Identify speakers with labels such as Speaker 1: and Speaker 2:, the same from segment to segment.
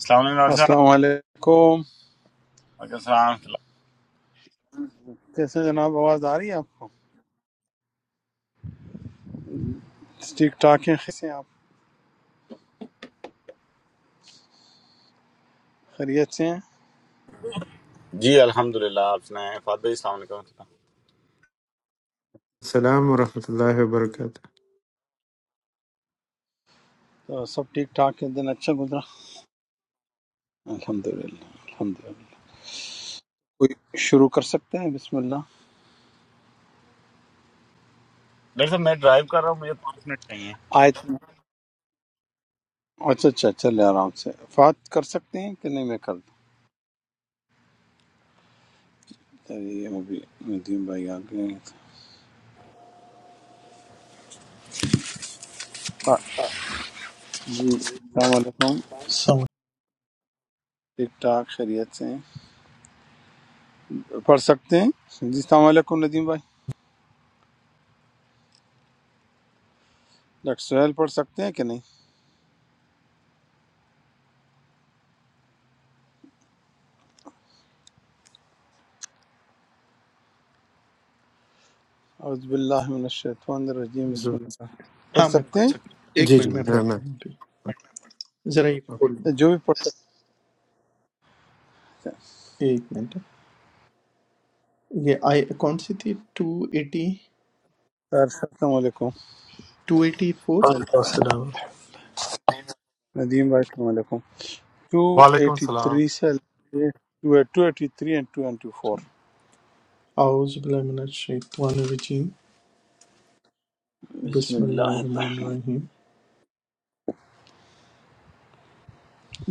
Speaker 1: السلام علیکم ڈاکٹر صاحب
Speaker 2: السلام علیکم
Speaker 1: وعلیکم السلام ورحمۃ اللہ۔
Speaker 2: کیسے ہیں جناب آواز آ رہی ہے آپ کو ٹھیک ٹھاک ہیں کیسے ہیں آپ خیریت سے ہیں
Speaker 1: جی الحمد للہ آپ سنائیں فات بھائی السلام علیکم ورحمۃ اللہ۔
Speaker 3: Assalamualaikum warahmatullahi wabarakatuh.
Speaker 2: تو سب ٹھیک ٹھاک ہے دن اچھا گزرا الحمد للہ الحمد للہ کوئی شروع کر سکتے ہیں بسم اللہ
Speaker 1: ڈاکٹر صاحب میں ڈرائیو کر رہا ہوں مجھے پانچ منٹ چاہیے
Speaker 2: آیت اچھا اچھا چلے آرام سے فات کر سکتے ہیں کہ نہیں میں کر دوں چلیے ابھی ندیم بھائی آ گئے ہیں۔ ہاں، جی السلام علیکم
Speaker 4: سم-
Speaker 2: ٹھیک ٹھاک خیریت سے ہیں پڑھ سکتے ہیں جی السلام علیکم ندیم بھائی ڈاکٹر سہیل پڑھ سکتے ہیں کہ نہیں اعوذ باللہ من الشیطان الرجیم بسم
Speaker 3: So,
Speaker 2: اللہ پڑھ
Speaker 4: ہاں میں
Speaker 2: سکتے
Speaker 4: پڑھ
Speaker 2: ہیں
Speaker 4: سکتا ہوں
Speaker 3: Ji
Speaker 4: ایک
Speaker 3: Ji.
Speaker 4: منٹ میں پڑھتا ہوں پھر ذرا یہ
Speaker 3: Okay.
Speaker 4: کھول لوں
Speaker 2: جو بھی پڑھ سکتے ہیں سر
Speaker 4: ایک منٹ یہ آئی کون سی تھی ٹو ایٹی
Speaker 2: السلام علیکم
Speaker 4: ٹو ایٹی فور
Speaker 5: وعلیکم السلام
Speaker 2: ندیم بھائی السلام علیکم
Speaker 6: Assalamualaikum warahmatullahi
Speaker 2: 283
Speaker 6: wabarakatuh.
Speaker 2: سے 283 اینڈ 294
Speaker 4: اعوذ باللہ من الشیطان الرجیم
Speaker 2: بسم
Speaker 4: بسم اللہ
Speaker 2: اللہ
Speaker 4: الرحمن
Speaker 2: الرحمن-
Speaker 4: الرحیم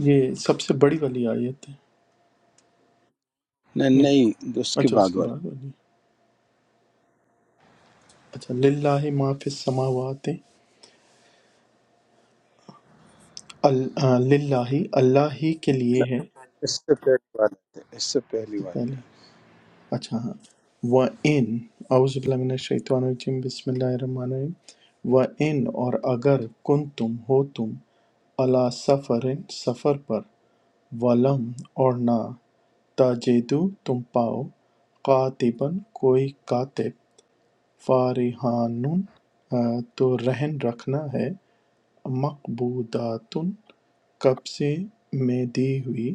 Speaker 4: یہ سب سے بڑی والی آیت ہے
Speaker 2: نہیں
Speaker 4: نہیں
Speaker 2: نہیں اس کے
Speaker 4: اچھا اس
Speaker 2: بعد
Speaker 4: کے
Speaker 2: والی
Speaker 4: بعد والی اچھا للہ ما فی السماوات ال- آ، للہ اللہ ہی کے
Speaker 2: نہ،
Speaker 4: لیے ہے اس
Speaker 2: اس سے پہلی والی ہے اس سے پہلی
Speaker 4: سے
Speaker 2: والی ہے
Speaker 4: پہلے اچھا ہاں وَإِنْ اعوذ باللہ من الشیطان الرجیم بسم اللہ الرحمن الرحیم وَإِنْ اور اگر کن تم ہو تم علا سفر سفر پر ولم اور نہ تاجدو تم پاؤ قاتبن کوئی کاتب فارحان آ، تو رہن رکھنا ہے مقبوداتن قبضے میں دی ہوئی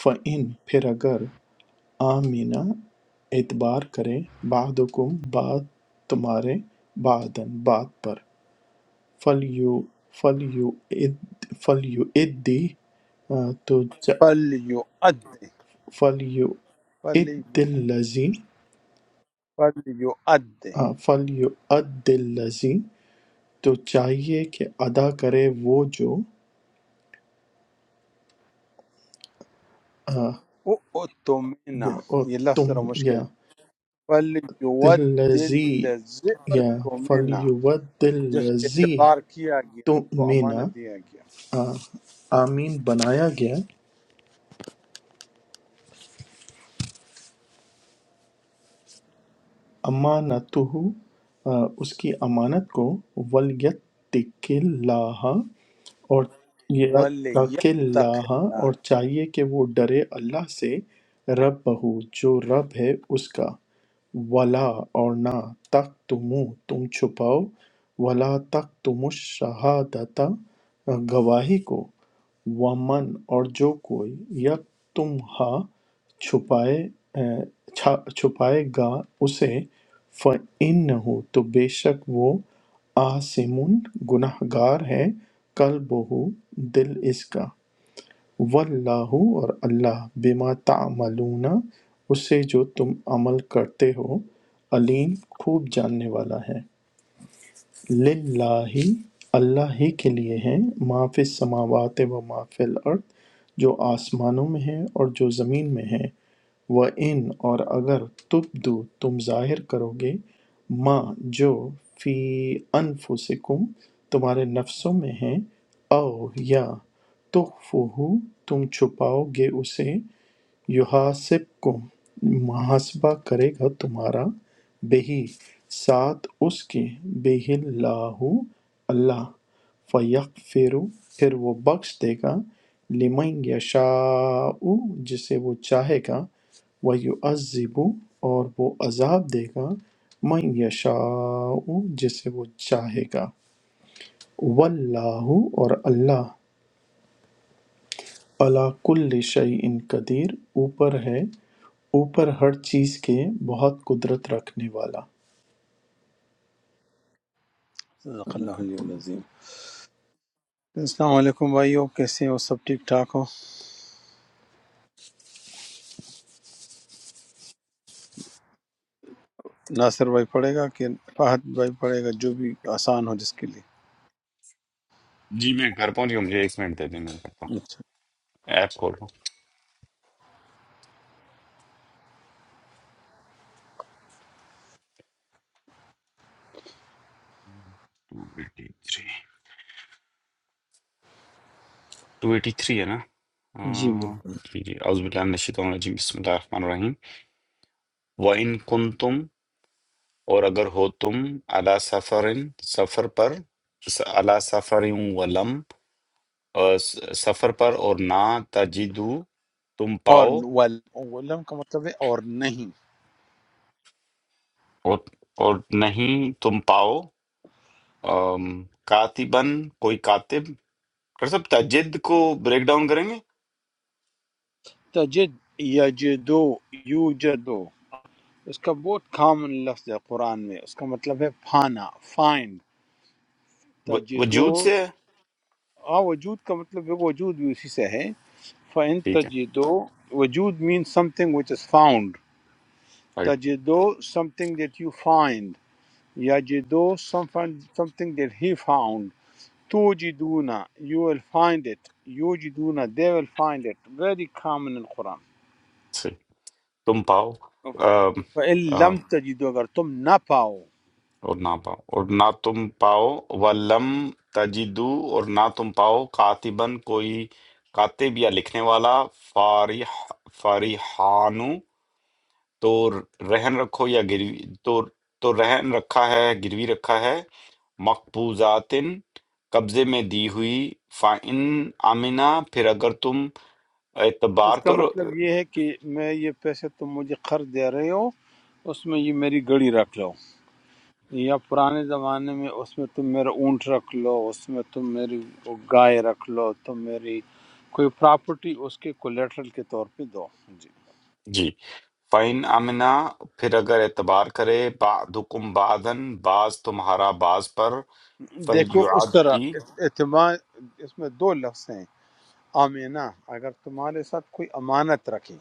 Speaker 4: فَإِن پھر اگر آمینہ اعتبار کرے بعضکم بعض تمہارے بعضاً بات پر فَلْيُؤَدِّ فَلْيُؤَدِّ
Speaker 2: پل یو اد پل یو
Speaker 4: الَّذِي
Speaker 2: پل یو اد
Speaker 4: فَلْيُؤَدِّ الَّذِي تو چاہیے کہ ادا کرے وہ جو آ،
Speaker 2: او او تومینا
Speaker 4: یا اور
Speaker 2: یہ لفظ
Speaker 4: تم
Speaker 2: ذرا مشکل
Speaker 4: یا
Speaker 2: ہے پل یو
Speaker 4: الَّذِي
Speaker 2: دل
Speaker 4: یا
Speaker 2: تومینا
Speaker 4: فَلْيُؤَدِّ
Speaker 2: جس پہ
Speaker 4: الَّذِي
Speaker 2: اعتبار کیا گیا کو
Speaker 4: تُؤْمِنَ
Speaker 2: امانت دیا
Speaker 4: آ، آمین بنایا گیا أَمَانَتُهُ اس کی امانت کو وَلْیَتَّقِ اللَّهَ اور یاد رکھ
Speaker 2: وَلْيَتَّقِ
Speaker 4: اللہ
Speaker 2: اللہ
Speaker 4: اور چاہیے کہ وہ ڈرے اللہ سے رب بہو جو رب ہے اس کا ولا اور نہ تک تمو تم چھپاؤ ولا تک تم شہادت گواہی کو ومن اور جو کوئی یک تم ہا چھپائے اے، چھا- چھپائے گا اسے فن ہو تو بے شک وہ آسمون گنہگار ہے قلبہ دل اس کا واللہ اور اللہ بما تعملون اس سے جو تم عمل کرتے ہو علیم خوب جاننے والا ہے للہ اللہ ہی کے لیے ہیں ما فی السماوات و ما فی الارض جو آسمانوں میں ہیں اور جو زمین میں ہیں وہ ان اور اگر تبدو تم ظاہر کرو گے ما جو فی انفسکم تمہارے نفسوں میں ہیں او یا تخفوہو تم چھپاؤ گے اسے یحاسبکم محاسبہ کرے گا تمہارا بہی ساتھ اس کے بہی اللہ اللہ فیغفر پھر وہ بخش دے گا لمن یشاء جسے وہ چاہے گا وَيُعَذِّبُ اور وہ عذاب دے گا من یشاء جسے وہ چاہے گا واللہ اور اللہ عَلیٰ کُلِّ شَیْءٍ قدیر اوپر ہے اوپر ہر چیز کے بہت قدرت رکھنے والا
Speaker 2: صدق اللہ
Speaker 4: آپ
Speaker 2: علیہ العظیم
Speaker 4: کی
Speaker 2: السلام علیکم بھائیو کیسے ہو سب ٹھیک ٹھاک ہو ناصر بھائی پڑھے گا کہ فہد بھائی پڑھے گا جو بھی آسان ہو جس کے لیے
Speaker 1: جی میں گھر پہنچ گیا ہوں، مجھے ایک منٹ دے دیں میں کرتا ہوں
Speaker 2: اچھا
Speaker 1: ایپ کھول رہا ہوں 283 283 ہے نا
Speaker 2: جی
Speaker 1: ہاں،
Speaker 2: بالکل
Speaker 1: جی جی اعوذ باللہ من الشیطان الرجیم بسم اللہ الرحمن الرحیم وَإِن كُنتُم اور اگر ہو تم علی سفر سفر پر س- علی سفر ولم اور س- سفر پر اور نہ تجدو تم
Speaker 2: اور
Speaker 1: پاؤ
Speaker 2: ول ولم کا مطلب ہے اور نہیں
Speaker 1: اور اور نہیں تم پاؤ آم، کاتبن کوئی کاتب کر سکتا ہے جد کو بریک ڈاؤن کریں گے
Speaker 2: تجد یجدو یوجدو اس کا بہت کامن لفظ ہے قرآن میں اس کا مطلب ہے پانا فائنڈ
Speaker 1: و-
Speaker 2: تجدو
Speaker 1: وجود سے ہے
Speaker 2: آ وجود کا مطلب ہے وجود بھی اسی سے ہے فَإِن
Speaker 1: ٹھیک ہے
Speaker 2: تجدو وجود means something which is found
Speaker 1: right
Speaker 2: تجده something that you find يجده something something that he found توجدون you will find it يوجدون they will find it very common in Quran
Speaker 1: صحیح تم پاؤ آم،
Speaker 2: فإن
Speaker 1: آ،
Speaker 2: لم تجدو अगर तुम ना पाओ
Speaker 1: اور نہ پاؤ اور نہ تم پاؤ ولم تجدو اور نہ تم پاؤ کاتبن کوئی کاتب یا لکھنے والا فارح فارحانو تو رہن رکھو یا گروی تو تو رہن رکھا ہے گروی رکھا ہے مقبوضات قبضے میں دی ہوئی فَإِنْ آمنا پھر اگر تم اعتبار
Speaker 2: इसका
Speaker 1: کرو
Speaker 2: मतलब ये है कि मैं ये पैसे तुम मुझे कर्ज दे रहे हो उसमें ये मेरी गड़ी रख लो یا پرانے زمانے میں اس میں تم میرا اونٹ رکھ لو اس میں تم میری گائے رکھ لو تم میری کوئی پراپرٹی اس کے کولیٹرل کے طور پہ دو جی
Speaker 1: جی فَإِنْ آمنا پھر اگر اعتبار کرے بعضکم بعضن بعض تمہارا بعض پر
Speaker 2: دیکھو اس طرح
Speaker 1: فَلْيُعَدِّ
Speaker 2: اس- اعتماد اس میں دو لفظ ہیں آمینہ اگر تمہارے ساتھ کوئی امانت رکھے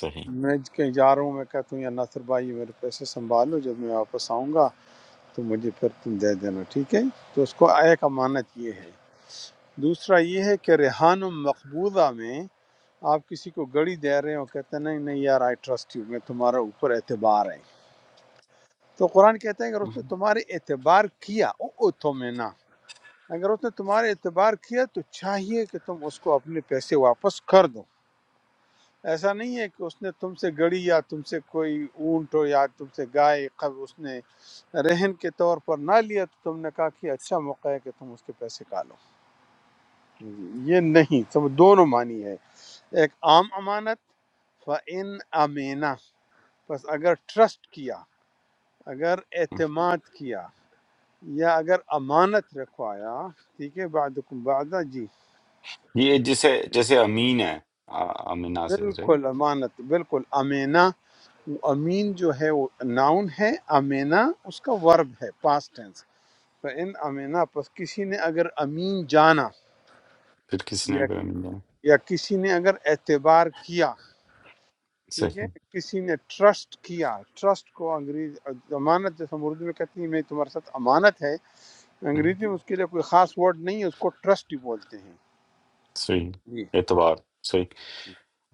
Speaker 1: صحیح
Speaker 2: میں کہیں جا رہا ہوں میں کہتا ہوں یا ناصر بھائی یہ میرے پیسے سنبھالو جب میں واپس آؤں گا تو مجھے پھر تم دے دینا ٹھیک ہے تو اس کو ایک امانت یہ ہے دوسرا یہ ہے کہ ریحان مقبوضہ میں آپ کسی کو گڑی دے رہے ہو کہتے ہیں نہیں نہیں یار آئی ٹرسٹ یو میں تمہارا اوپر اعتبار ہے تو قرآن کہتا ہے اگر اس نے
Speaker 1: مہم۔
Speaker 2: تمہارے اعتبار کیا او او تو میں نہ اگر اس نے تمہارے اعتبار کیا تو چاہیے کہ تم اس کو اپنے پیسے واپس کر دو ایسا نہیں ہے کہ اس نے تم سے گڑی یا تم سے کوئی اونٹ ہو یا تم سے گائے قب اس نے رہن کے طور پر نہ لیا تو تم نے کہا کہ اچھا موقع ہے کہ تم اس کے پیسے کالو یہ نہیں سب دونوں معنی ہے ایک عام امانت فَإِنْ أَمِنَ بس اگر ٹرسٹ کیا اگر اعتماد کیا یا اگر امانت رکھوایا ٹھیک ہے بعدکم بعدا جی
Speaker 1: یہ جسے جیسے امین ہے آ- آمنا سے صحیح
Speaker 2: بالکل امانت بالکل امینا وہ امین جو ہے وہ ناؤن ہے امینا اس کا ورب ہے پاسٹ ٹینس ان امینا پس کسی نے اگر امین جانا
Speaker 1: پھر کسی نے
Speaker 2: یا
Speaker 1: اگر امین کہا،
Speaker 2: یا کسی نے اگر اعتبار کیا ٹھیک ہے
Speaker 1: صحیح
Speaker 2: کسی نے ٹرسٹ کیا ٹرسٹ کو انگریز امانت جیسے ہم اردو میں کہتے ہیں میں تمہارے ساتھ امانت ہے
Speaker 1: مہم،
Speaker 2: انگریزی میں اس کے لیے کوئی خاص ورڈ نہیں ہے اس کو ٹرسٹ ہی بولتے ہیں
Speaker 1: صحیح
Speaker 2: جی
Speaker 1: اعتبار صحیح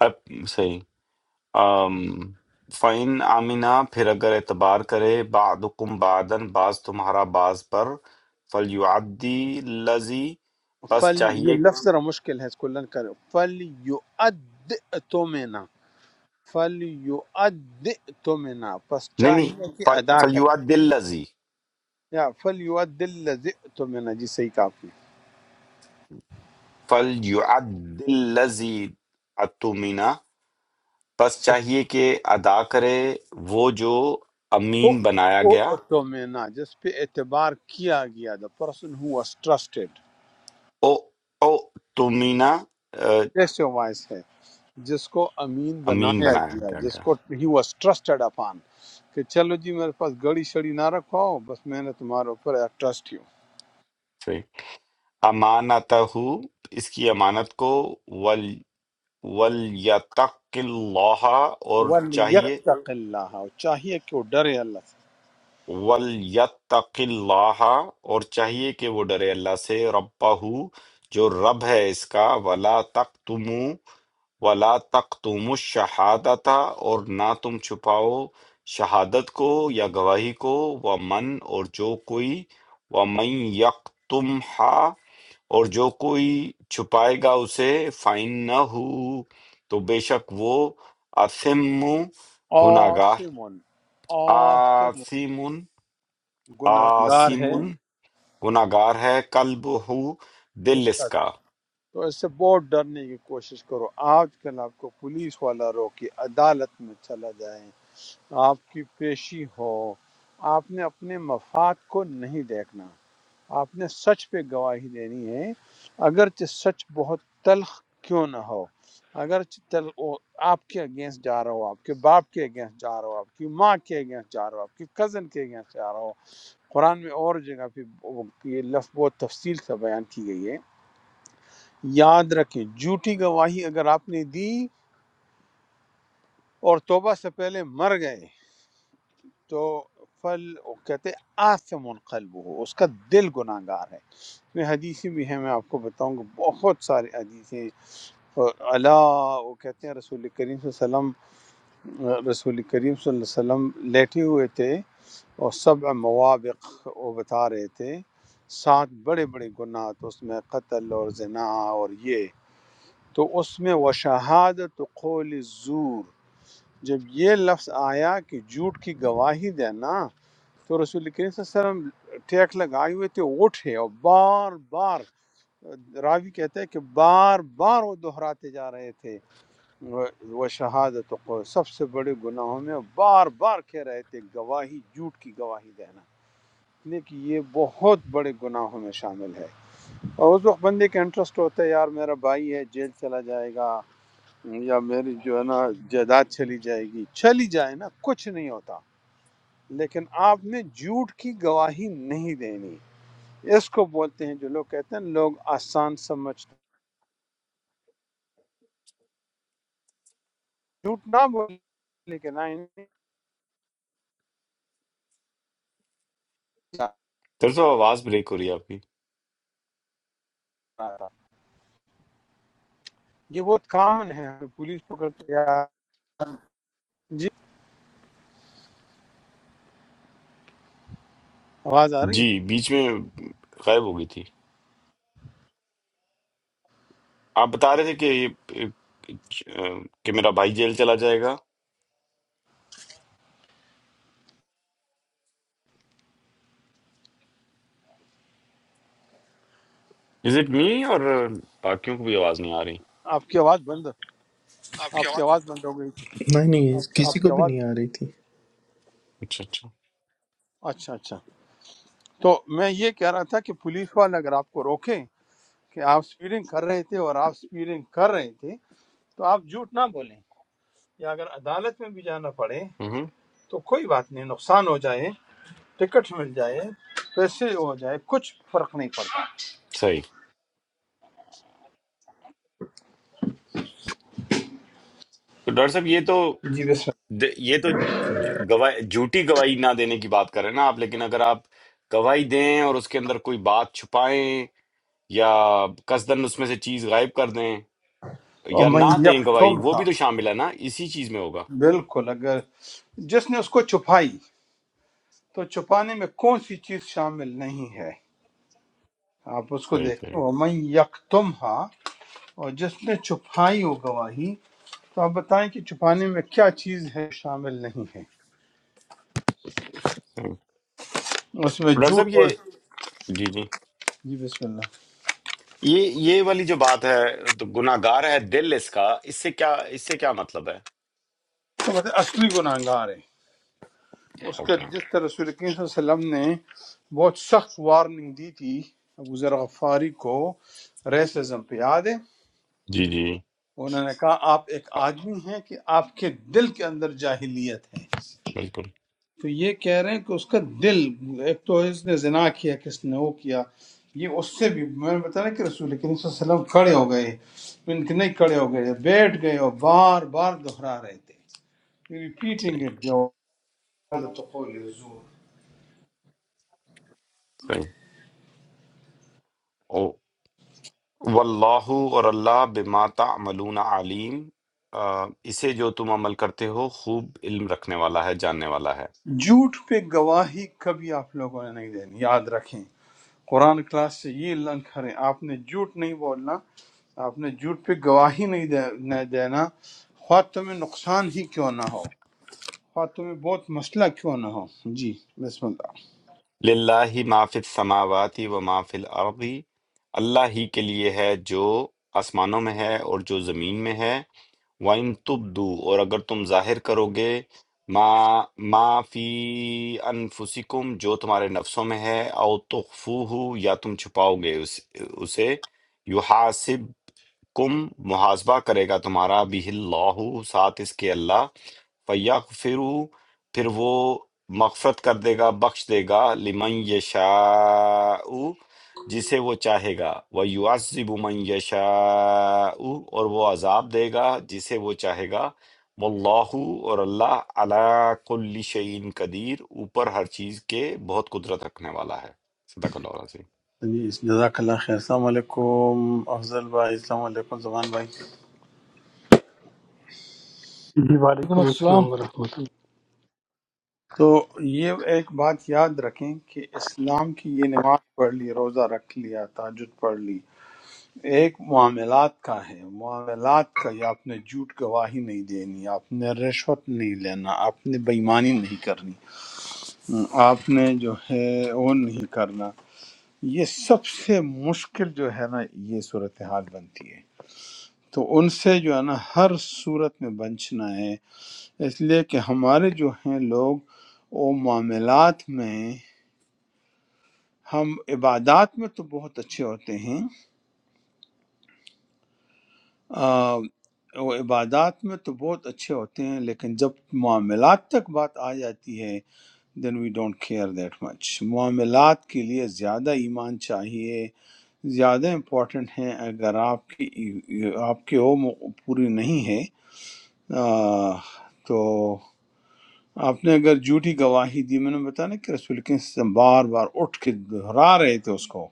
Speaker 1: اب صحیح آم، فَإِنْ آمِنَا پھر اگر اعتبار کرے بعضکم بعدن بعض تمہارا بعض پر فَلْيُعَدِّ الَّذِي پس
Speaker 2: فل یہ
Speaker 1: چاہیے
Speaker 2: لفظ ذرا مشکل ہے اس کو لرن کر فل یو اد تو میں نا، فل یو اد تو پس
Speaker 1: نہیں نہیں
Speaker 2: چاہیے کہ
Speaker 1: ف-
Speaker 2: ادا کرے
Speaker 1: فَلْيُعَدِّ الَّذِي
Speaker 2: یا فل یو اد تو میں نا۔ جی صحیح کہا آپ نے
Speaker 1: فَلْيُعَدِّ الَّذِي اَتُمِنَا پس چاہیے کہ ادا کرے وہ جو امین بنایا
Speaker 2: او
Speaker 1: گیا
Speaker 2: او تو میں نا، جس پہ اعتبار کیا گیا دا پرسن ہو was trusted
Speaker 1: او او تمینا
Speaker 2: کیسے وائس ہے جس کو امین
Speaker 1: امین
Speaker 2: بنایا
Speaker 1: بنایا
Speaker 2: گیا
Speaker 1: گیا
Speaker 2: جس
Speaker 1: گیا
Speaker 2: کو ہی واز ٹرسٹڈ اپان کہ چلو جی میرے پاس گڑی شڑی نہ رکھو بس میں نے تمہارے اوپر ٹرسٹ ہی ہوں
Speaker 1: صحیح امانتہ اس کی امانت کو وَلْيَتَّقِ اللَّهَ اور چاہیے
Speaker 2: وَلْيَتَّقِ اللَّهَ اور چاہیے کہ وہ ڈرے اللہ سے
Speaker 1: وَلْيَتَّقِ اللَّهَ اور چاہیے کہ وہ ڈرے اللہ سے رَبَّهُ جو رب ہے اس کا وَلَا تَقْتُمُوا وَلَا تَقْتُمُوا الشَّهَادَةَ اور نہ تم چھپاؤ شہادت کو یا گواہی کو وَمَن اور جو کوئی وَمَن يَقْتُمْهَا اور جو کوئی چھپائے گا اسے فائن نہ ہو تو بے شک وہ آثم گناہ گار
Speaker 2: آسمون آسمون
Speaker 1: آثم
Speaker 2: گناہگار
Speaker 1: آثم
Speaker 2: ہے
Speaker 1: گناہ گار ہے قلب ہو دل
Speaker 2: اس
Speaker 1: اس
Speaker 2: کا
Speaker 1: کا
Speaker 2: تو اس سے بہت ڈرنے کی کوشش کرو آج کل آپ کو پولیس والا رو کہ عدالت میں چلا جائے آپ کی پیشی ہو آپ نے اپنے مفاد کو نہیں دیکھنا آپ نے سچ پہ گواہی دینی ہے اگرچہ سچ بہت تلخ کیوں نہ ہو اگرچہ تل وہ آپ کے اگینسٹ جا رہا ہو آپ کے باپ کے اگینسٹ جا رہا ہو آپ کی ماں کے اگینسٹ جا رہا ہو آپ کے کزن کے اگینسٹ جا رہا ہو قرآن میں اور جگہ پہ وہ- یہ لفظ بہت تفصیل سے بیان کی گئی ہے یاد رکھیں جھوٹی گواہی اگر آپ نے دی اور توبہ سے پہلے مر گئے تو فل وہ کہتے ہیں آثم قلب ہو اس کا دل گناہ گار ہے اس میں حدیثیں بھی ہیں میں آپ کو بتاؤں گا بہت سارے حدیثیں اور اللہ وہ کہتے ہیں رسول کریم صلی اللہ علیہ وسلم رسول کریم صلی اللہ علیہ وسلم لیٹے ہوئے تھے اور سبع موابق وہ بتا رہے تھے سات بڑے بڑے گناہ تو اس میں قتل اور زنا اور یہ تو اس میں وہ شہادت قول زور جب یہ لفظ آیا کہ جھوٹ کی گواہی دینا تو رسول کریم صلی اللہ علیہ وسلم ٹیک لگائے ہوئے تھے اٹھے اور بار بار راوی کہتے ہیں کہ بار بار وہ دہراتے جا رہے تھے وہ شہادت کو سب سے بڑے گناہوں میں بار بار کہہ رہے تھے گواہی جھوٹ کی گواہی دینا لیکن یہ بہت بڑے گناہوں میں شامل ہے اور اس وقت بندے کا انٹرسٹ ہوتا ہے یار میرا بھائی ہے جیل چلا جائے گا یا میری جو ہے نا جائیداد چلی جائے گی چلی جائے نا کچھ نہیں ہوتا لیکن آپ نے جھوٹ کی گواہی نہیں دینی اس کو بولتے ہیں جو لوگ کہتے ہیں لوگ آسان سمجھتے ہیں۔ جھوٹ نہ بولے لیکن آئین نہیں جا
Speaker 1: درست آواز بریک ہو رہی ہے آپ کی
Speaker 2: رہا تھا۔ یہ بہت کامن ہے ہمیں پولیس پکڑتے یا جی آواز آ رہی ہے
Speaker 1: جی بیچ میں غائب ہو گئی تھی آپ بتا رہے تھے کہ یہ کہ میرا بھائی جیل چلا جائے گا از اٹ می اور باقیوں کو بھی آواز نہیں آ رہی
Speaker 2: آپ کی آواز بند آپ کی
Speaker 4: آواز
Speaker 2: آواز بند ہو گئی تھی
Speaker 4: نہیں نہیں
Speaker 2: آپ
Speaker 4: کسی
Speaker 2: کی
Speaker 4: کو بھی
Speaker 2: آواز
Speaker 4: نہیں آ رہی تھی
Speaker 1: اچھا اچھا
Speaker 2: اچھا اچھا تو میں یہ کہہ رہا تھا کہ پولیس والا اگر آپ کو روکے کہ آپ سپیڈنگ کر رہے تھے اور آپ سپیڈنگ کر رہے تھے تو آپ جھوٹ نہ بولیں یا اگر عدالت میں بھی جانا پڑے
Speaker 1: ہوں
Speaker 2: تو کوئی بات نہیں نقصان ہو جائے ٹکٹ مل جائے پیسے ہو جائے کچھ فرق نہیں پڑتا
Speaker 1: صحیح تو ڈاکٹر صاحب یہ تو
Speaker 2: جی بسم
Speaker 1: د- یہ تو ج- گواہ جھوٹی گواہی نہ دینے کی بات کر رہے ہیں نا آپ لیکن اگر آپ گواہی دیں اور اس کے اندر کوئی بات چھپائیں یا قصدن اس میں سے چیز غائب کر دیں
Speaker 2: اللہ اور
Speaker 1: یا
Speaker 2: من
Speaker 1: نہ دیں گواہی
Speaker 2: یکتم
Speaker 1: وہ
Speaker 2: تھا
Speaker 1: بھی تو شامل ہے نا اسی چیز میں ہوگا
Speaker 2: بالکل اگر جس نے اس کو چھپائی تو چھپانے میں کون سی چیز شامل نہیں ہے آپ اس کو
Speaker 1: صحیح صحیح
Speaker 2: دیکھیں ومن یکتم ہا اور جس نے چھپائی ہو گواہی تو آپ بتائیں کہ چھپانے میں کیا چیز ہے شامل نہیں ہے
Speaker 1: صحیح۔
Speaker 2: اس میں
Speaker 1: ڈاکٹر
Speaker 2: جھوٹ
Speaker 1: صاحب
Speaker 2: اور
Speaker 1: یہ جی جی
Speaker 2: جی بسم اللہ
Speaker 1: یہ یہ والی جو بات ہے تو گناہ گار ہے دل اس کا اس سے کیا اس سے کیا مطلب ہے
Speaker 2: تو مطلب اصلی گناہ گار ہے۔ اس کا
Speaker 1: اوکے
Speaker 2: جس طرح رسول کریم صلی اللہ علیہ وسلم نے بہت سخت وارننگ دی تھی ابو ذر غفاری کو ریسزم پہ یاد ہے
Speaker 1: جی جی
Speaker 2: انہوں نے کہا آپ ایک آدمی ہیں کہ آپ کے دل کے اندر جاہلیت ہے
Speaker 1: بالکل
Speaker 2: تو یہ کہہ رہے ہیں کہ اس کا دل ایک تو اس نے زنا کیا کس نے وہ کیا یہ اس سے بھی میں نے بتایا کہ رسول کریم صلی اللہ علیہ وسلم کھڑے ہو گئے ان کے نہیں کھڑے ہو گئے بیٹھ گئے اور بار بار دہرا رہے تھے ریپیٹنگ
Speaker 1: صحیح
Speaker 2: اٹ
Speaker 1: صحیح واللہ اور اللہ بما تعملون علیم آ، اسے جو تم عمل کرتے ہو خوب علم رکھنے والا ہے جاننے والا ہے
Speaker 2: جھوٹ پہ گواہی کبھی آپ لوگوں نے نہیں دینی یاد رکھیں قرآن کلاس سے یہ لرن کریں آپ نے جھوٹ نہیں بولنا آپ نے جھوٹ پہ گواہی نہیں دے- نہ دینا خواہ تمہیں نقصان ہی کیوں نہ ہو خواہ تمہیں بہت مسئلہ کیوں نہ ہو جی بسم اللہ
Speaker 1: للہ ما فی السماوات و ما فی الارض اللہ ہی کے لیے ہے جو آسمانوں میں ہے اور جو زمین میں ہے وَإِن تُبْدُوا اور اگر تم ظاہر کرو گے ما ما فی انفسکم جو تمہارے نفسوں میں ہے او تخفوہ یا تم چھپاؤ گے اس- اسے کم محاسبہ کرے گا تمہارا بھی اللہ ساتھ اس کے اللہ فیا فرو، پھر وہ مغفرت کر دے گا بخش دے گا لمن یشاء جسے وہ چاہے گا وہ یعذب من یشاء اور وہ عذاب دے گا جسے وہ چاہے گا واللہ اور اللہ علی کل شیء قدیر اوپر ہر چیز کے بہت قدرت رکھنے والا ہے صدق اللہ العظیم
Speaker 2: جی جزاک اللہ خیر السلام علیکم افضل بھائی السلام علیکم زمان بھائی
Speaker 7: Bismillah.
Speaker 8: وعلیکم السلام
Speaker 2: تو یہ ایک بات یاد رکھیں کہ اسلام کی یہ نماز پڑھ لی روزہ رکھ لیا تاجد پڑھ لی ایک معاملات کا ہے معاملات کا یہ آپ نے جھوٹ گواہی نہیں دینی آپ نے رشوت نہیں لینا آپ نے بےمانی نہیں کرنی آپ نے جو ہے وہ نہیں کرنا یہ سب سے مشکل جو ہے نا یہ صورتحال بنتی ہے تو ان سے جو ہے نا ہر صورت میں بچنا ہے اس لیے کہ ہمارے جو ہیں لوگ وہ معاملات میں ہم عبادات میں تو بہت اچھے ہوتے ہیں آ، وہ عبادات میں تو بہت اچھے ہوتے ہیں لیکن جب معاملات تک بات آ جاتی ہے then we don't care that much معاملات کے لیے زیادہ ایمان چاہیے زیادہ امپورٹنٹ ہیں اگر آپ کی آپ کے وہ مو- پوری نہیں ہے آ، تو آپ نے اگر جھوٹی گواہی دی میں نے بتایا نا کہ رسول کے بار بار اٹھ کے دہرا رہے تھے اس کو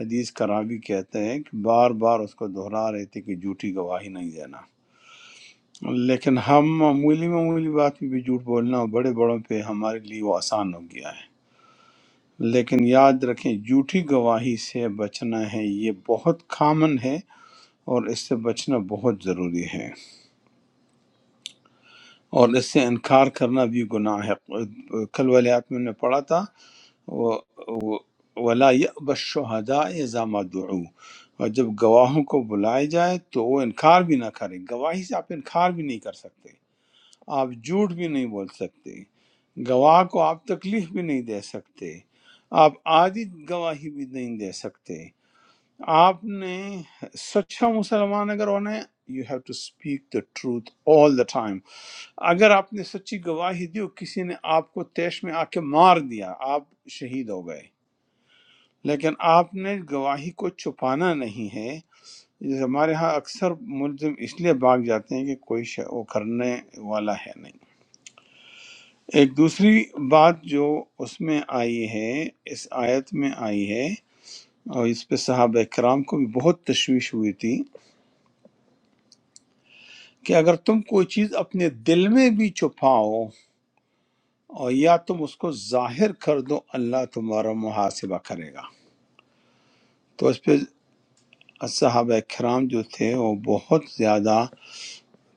Speaker 2: حدیث کا راوی کہتے ہیں کہ بار بار اس کو دہرا رہے تھے کہ جھوٹی گواہی نہیں دینا لیکن ہم معمولی معمولی بات پہ بھی جھوٹ بولنا بڑے بڑوں پہ ہمارے لیے وہ آسان ہو گیا ہے لیکن یاد رکھیں جھوٹی گواہی سے بچنا ہے یہ بہت کامن ہے اور اس سے بچنا بہت ضروری ہے اور اس سے انکار کرنا بھی گناہ ہے کل والے آپ میں نے پڑھا تھا وہ- وہ- ولا يأب الشهداء اذا ما دعوا اور جب گواہوں کو بلایا جائے تو وہ انکار بھی نہ کریں گواہی سے آپ انکار بھی نہیں کر سکتے آپ جھوٹ بھی نہیں بول سکتے گواہ کو آپ تکلیف بھی نہیں دے سکتے آپ آدھی گواہی بھی نہیں دے سکتے آپ نے سچا مسلمان اگر ہونا ہے you have to speak the truth all the time اگر آپ نے سچی گواہی دی اور کسی نے آپ کو تیش میں آ کے مار دیا آپ شہید ہو گئے لیکن آپ نے گواہی کو چھپانا نہیں ہے جیسے ہمارے ہاں اکثر ملزم اس لیے بھاگ جاتے ہیں کہ کوئی شے وہ کرنے والا ہے نہیں ایک دوسری بات جو اس میں آئی ہے اس آیت میں آئی ہے اور اس پہ صحابہ کرام کو بھی بہت تشویش ہوئی تھی کہ اگر تم کوئی چیز اپنے دل میں بھی چھپاؤ اور یا تم اس کو ظاہر کر دو اللہ تمہارا محاسبہ کرے گا تو اس پہ صحابہ کرام جو تھے وہ بہت زیادہ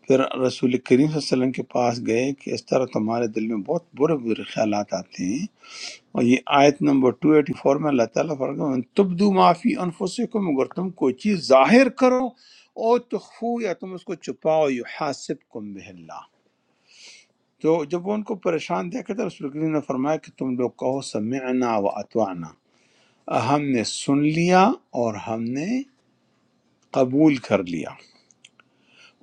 Speaker 2: پھر رسول کریم صلی اللہ علیہ وسلم کے پاس گئے کہ اس طرح تمہارے دل میں بہت برے برے خیالات آتے ہیں اور یہ آیت نمبر 284 میں اللہ تعالیٰ فرماتا ہے تبدو معافی انفسکم اگر تم کوئی چیز ظاہر کرو او تخفو یا تم اس کو چھپاؤ یحاسبکم بہ اللہ تو جب وہ ان کو پریشان دیکھا تھا رسول کریم نے فرمایا کہ تم لوگ کہو سمعنا و اطعنا ہم نے سن لیا اور ہم نے قبول کر لیا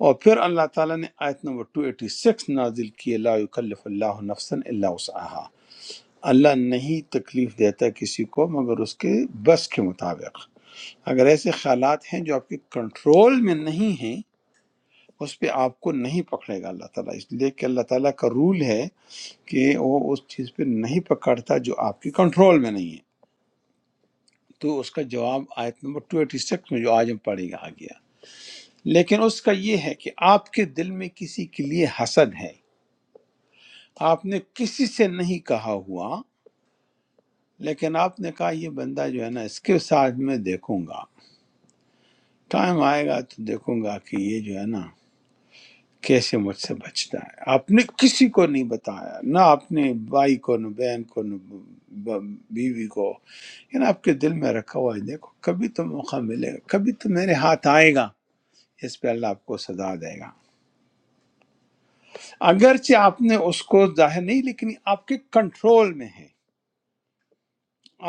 Speaker 2: اور پھر اللہ تعالیٰ نے آیت نمبر 286 نازل کی لا یکلف اللہ نفسا الا وسعها اللہ نہیں تکلیف دیتا کسی کو مگر اس کے بس کے مطابق اگر ایسے خیالات ہیں جو آپ کے کنٹرول میں نہیں ہیں اس پہ آپ کو نہیں پکڑے گا اللہ تعالیٰ اس لیے کہ اللہ تعالیٰ کا رول ہے کہ وہ اس چیز پہ نہیں پکڑتا جو آپ کے کنٹرول میں نہیں ہے تو اس کا جواب آیت نمبر 286 میں جو آج ہم پڑھے گا آ گیا لیکن اس کا یہ ہے کہ آپ کے دل میں کسی کے لیے حسد ہے آپ نے کسی سے نہیں کہا ہوا لیکن آپ نے کہا یہ بندہ جو ہے نا اس کے ساتھ میں دیکھوں گا ٹائم آئے گا تو دیکھوں گا کہ یہ جو ہے نا کیسے مجھ سے بچتا ہے آپ نے کسی کو نہیں بتایا نہ اپنے بھائی کو نہ بہن کو نہ ب- بیوی کو یہ نا آپ کے دل میں رکھا ہوا ہے دیکھو کبھی تو موقع ملے گا کبھی تو میرے ہاتھ آئے گا اس پہ اللہ آپ کو سزا دے گا اگرچہ آپ نے اس کو ظاہر نہیں لیکن آپ کے کنٹرول میں ہے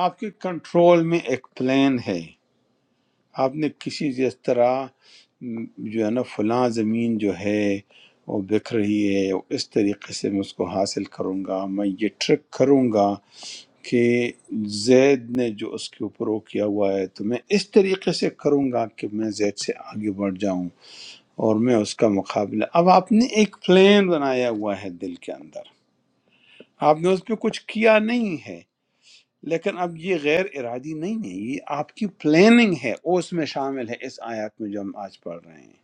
Speaker 2: آپ کے کنٹرول میں ایک پلان ہے آپ نے کسی جس طرح م، جو ہے نا فلاں زمین جو ہے وہ بک رہی ہے اس طریقے سے میں اس کو حاصل کروں گا میں یہ ٹرک کروں گا کہ زید نے جو اس کے اوپر وہ کیا ہوا ہے تو میں اس طریقے سے کروں گا کہ میں زید سے آگے بڑھ جاؤں اور میں اس کا مقابلہ اب آپ نے ایک پلان بنایا ہوا ہے دل کے اندر آپ نے اس پہ کچھ کیا نہیں ہے لیکن اب یہ غیر ارادی نہیں ہے یہ آپ کی پلاننگ ہے وہ اس میں شامل ہے اس آیات میں جو ہم آج پڑھ رہے ہیں